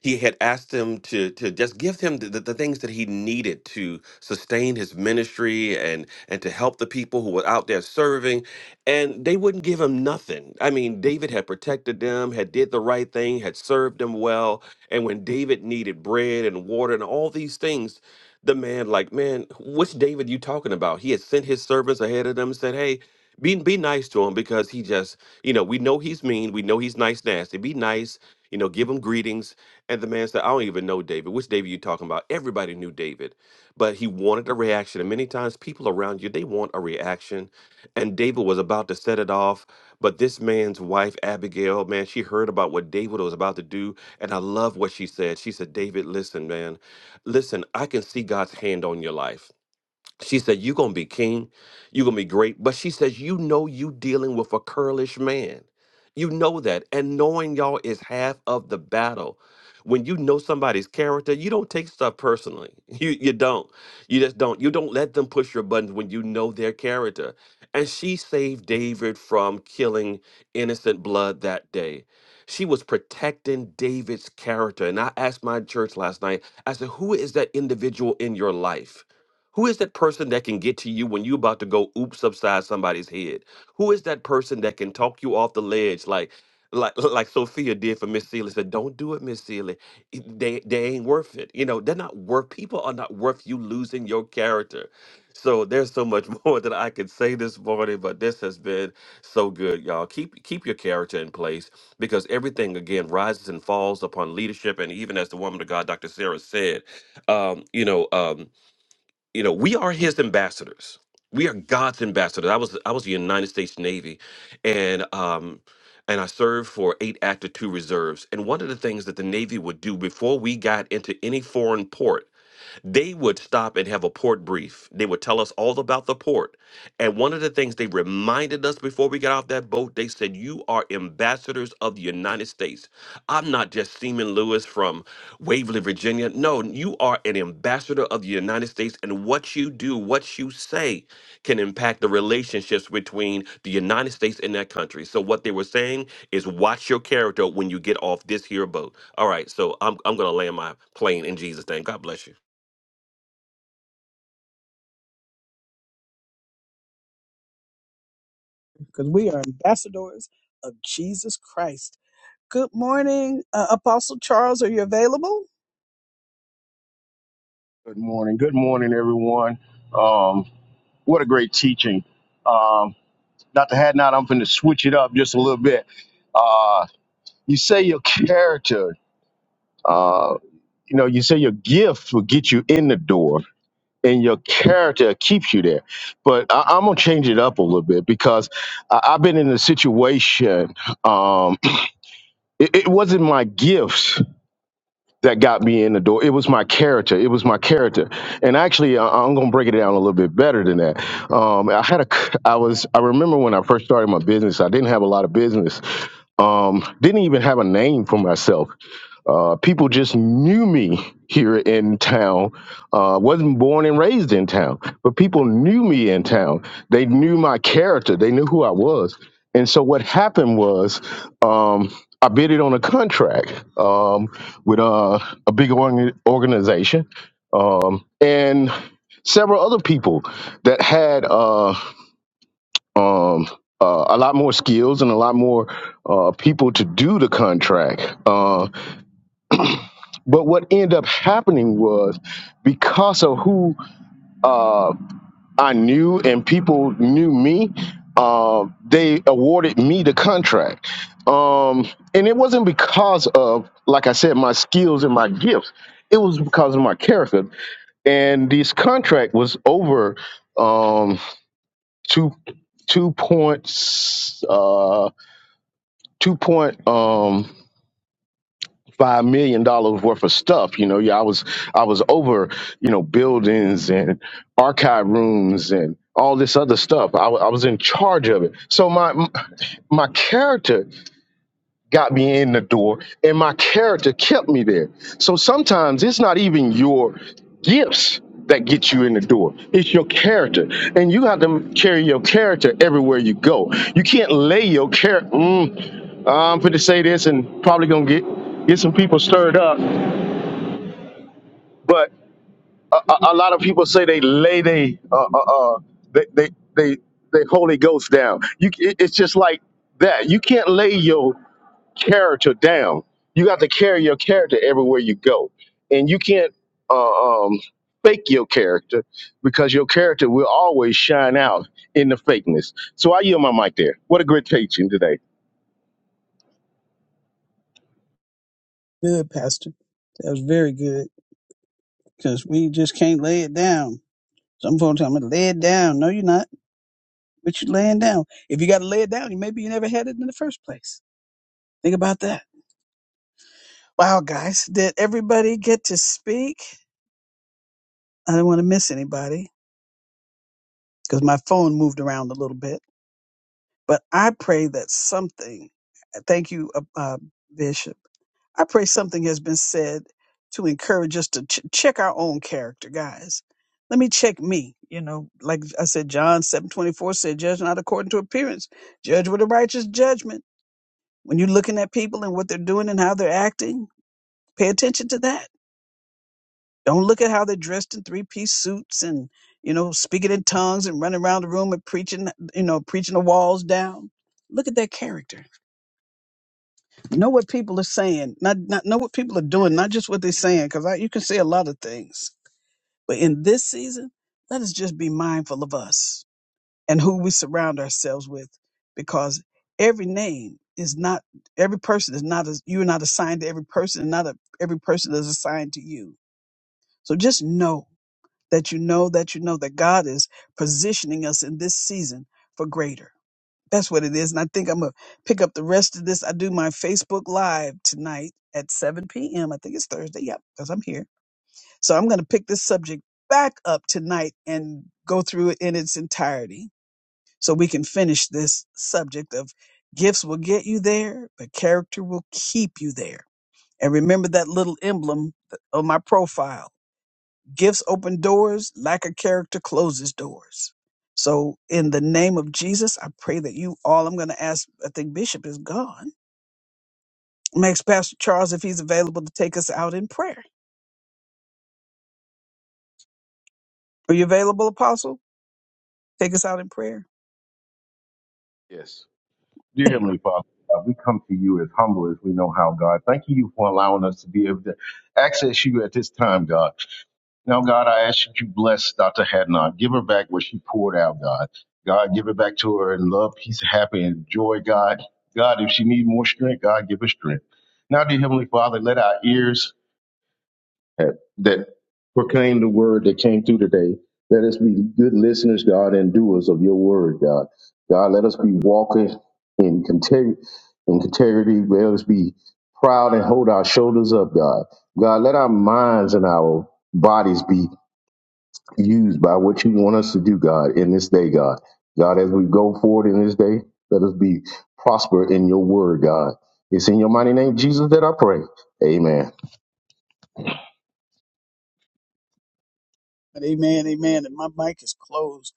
[SPEAKER 9] he had asked him to to just give him the, the, the things that he needed to sustain his ministry and and to help the people who were out there serving and they wouldn't give him nothing i mean david had protected them had did the right thing had served them well and when david needed bread and water and all these things the man like man which david you talking about he had sent his servants ahead of them and said hey be, be nice to him because he just you know we know he's mean we know he's nice nasty be nice you know give him greetings and the man said, I don't even know David. Which David you talking about? Everybody knew David, but he wanted a reaction. And many times people around you, they want a reaction. And David was about to set it off. But this man's wife, Abigail, man, she heard about what David was about to do. And I love what she said. She said, David, listen, man, listen, I can see God's hand on your life. She said, You're going to be king. You're going to be great. But she says, You know, you dealing with a curlish man. You know that. And knowing y'all is half of the battle. When you know somebody's character, you don't take stuff personally. *laughs* You, you don't. You just don't. You don't let them push your buttons when you know their character. And she saved David from killing innocent blood that day. She was protecting David's character. And I asked my church last night, I said, Who is that individual in your life? Who is that person that can get to you when you're about to go oops upside somebody's head? Who is that person that can talk you off the ledge like like *laughs* like Sophia did for Miss Seeley? Said, don't do it, Miss Seeley. It- They they ain't worth it. You know, they're not worth people are not worth you losing your character. So there's so much *laughs* more that I could say this morning, but this has been so good, y'all. Keep keep your character in place because everything again rises and falls upon leadership. And even as the woman of God, Dr. Sarah said, um, you know, um you know we are his ambassadors we are god's ambassadors i was i was a united states navy and um and i served for eight active two reserves and one of the things that the navy would do before we got into any foreign port they would stop and have a port brief. They would tell us all about the port. And one of the things they reminded us before we got off that boat, they said, You are ambassadors of the United States. I'm not just Seaman Lewis from Waverly, Virginia. No, you are an ambassador of the United States, and what you do, what you say, can impact the relationships between the United States and that country. So, what they were saying is, watch your character when you get off this here boat. All right, so I'm, I'm going to land my plane in Jesus' name. God bless you.
[SPEAKER 1] Because we are ambassadors of Jesus Christ. Good morning, uh, Apostle Charles. Are you available?
[SPEAKER 10] Good morning. Good morning, everyone. Um, what a great teaching. Um, Dr. Hadnot, I'm going to switch it up just a little bit. Uh, you say your character, uh, you know, you say your gifts will get you in the door and your character keeps you there. But I, I'm going to change it up a little bit because I, I've been in a situation, um, *clears throat* it, it wasn't my gifts that got me in the door. It was my character. It was my character. And actually, I- I'm gonna break it down a little bit better than that. Um, I had a, c- I was, I remember when I first started my business. I didn't have a lot of business. Um, didn't even have a name for myself. Uh, people just knew me *laughs* here in town. Uh, wasn't born and raised in town, but people knew me in town. They knew my character. They knew who I was. And so what happened was, um, I bid it on a contract um, with uh, a big organ- organization, um, and several other people that had uh, um, uh, a lot more skills and a lot more uh, people to do the contract. Uh, but what ended up happening was because of who uh, I knew and people knew me, uh, they awarded me the contract. Um, and it wasn't because of, like I said, my skills and my gifts. It was because of my character. And this contract was over um, two two point uh two point um, five million dollars worth of stuff. You know, yeah, I was I was over you know buildings and archive rooms and all this other stuff. I wa- I was in charge of it. So my my character got me in the door and my character kept me there. So sometimes it's not even your gifts that get you in the door. It's your character. And you have to carry your character everywhere you go. You can't lay your character. Mm, I'm going to say this and probably going to get get some people stirred up. But a, a, a lot of people say they lay they, uh, uh, uh, they, they, they, they Holy Ghost down. You, it- it's just like that. You can't lay your character down. You got to carry your character everywhere you go, and you can't uh, um, fake your character because your character will always shine out in the fakeness. So I yield my mic there. What a great teaching today.
[SPEAKER 1] Good, Pastor. That was very good because we just can't lay it down. Some folks tell me, lay it down. No, you're not. But you're laying down. If you got to lay it down, you maybe you never had it in the first place. Think about that. Wow, guys, did everybody get to speak? I didn't want to miss anybody because my phone moved around a little bit. But I pray that something, uh, thank you, uh, uh, Bishop. I pray something has been said to encourage us to ch- check our own character, guys. Let me check me. You know, like I said, John seven twenty four said, "Judge not according to appearance, judge with a righteous judgment." When you're looking at people and what they're doing and how they're acting, pay attention to that Don't look at how they're dressed in three piece suits and, you know, speaking in tongues and running around the room and preaching, you know, preaching the walls down. Look at their character. Know what people are saying, not, not know what people are doing, not just what they're saying, because you can say a lot of things. But in this season, let us just be mindful of us and who we surround ourselves with, because every name is not, every person is not, as, you're not assigned to every person, and not a, every person is assigned to you. So just know that you know that you know that God is positioning us in this season for greater. That's what it is. And I think I'm going to pick up the rest of this. I do my Facebook Live tonight at 7 p.m. I think it's Thursday. Yep, because I'm here. So I'm going to pick this subject back up tonight and go through it in its entirety so we can finish this subject of gifts will get you there, but character will keep you there. And remember that little emblem on my profile Gifts open doors, lack of character closes doors. So, in the name of Jesus, I pray that you all, I'm going to ask, I think Bishop is gone. I'm gonna ask Pastor Charles if he's available to take us out in prayer. Are you available, Apostle? Take us out in prayer.
[SPEAKER 10] Yes, dear
[SPEAKER 1] There you
[SPEAKER 10] Heavenly Father, uh, we come to you as humble as we know how. God, thank you for allowing us to be able to access you at this time, God. Now, God, I ask that you bless Dr. Hadnot. Give her back what she poured out, God. God, give it back to her in love, peace, happy, and joy, God. God, if she needs more strength, God, give her strength. Now, dear Heavenly Father, let our ears that, that proclaim the word that came through today, let us be good listeners, God, and doers of your word, God. God, let us be walking in integrity. In integrity, let us be proud and hold our shoulders up, God. God, let our minds and our bodies be used by what you want us to do, God, in this day, God. God, as we go forward in this day, let us be prosper in your word, God. It's in your mighty name, Jesus, that I pray. Amen.
[SPEAKER 1] are. Amen, amen. And my mic is closed.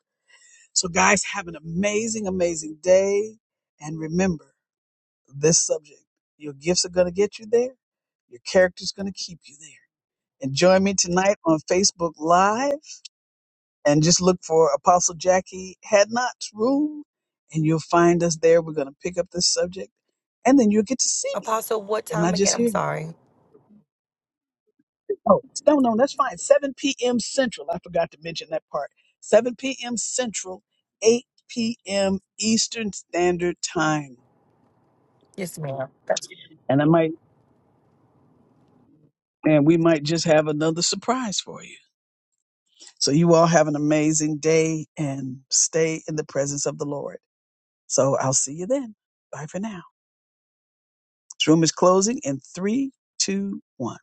[SPEAKER 1] So, guys, have an amazing, amazing day. And remember this subject your gifts are going to get you there, your character's going to keep you there. And join me tonight on Facebook Live and just look for Apostle Jackie Hadnot's room, and you'll find us there. We're going to pick up this subject, and then you'll get to see me
[SPEAKER 8] Apostle, what
[SPEAKER 1] and
[SPEAKER 8] time
[SPEAKER 1] not
[SPEAKER 8] again?
[SPEAKER 1] just
[SPEAKER 8] I'm
[SPEAKER 1] hear. me.
[SPEAKER 8] sorry.
[SPEAKER 1] Oh, no, no, that's fine. 7 p.m. Central. I forgot to mention that part. 7 p.m. Central, 8 p.m. Eastern Standard Time.
[SPEAKER 8] Yes, ma'am.
[SPEAKER 1] And I might, and we might just have another surprise for you. So you all have an amazing day and stay in the presence of the Lord. So I'll see you then. Bye for now. This room is closing in three, two, one.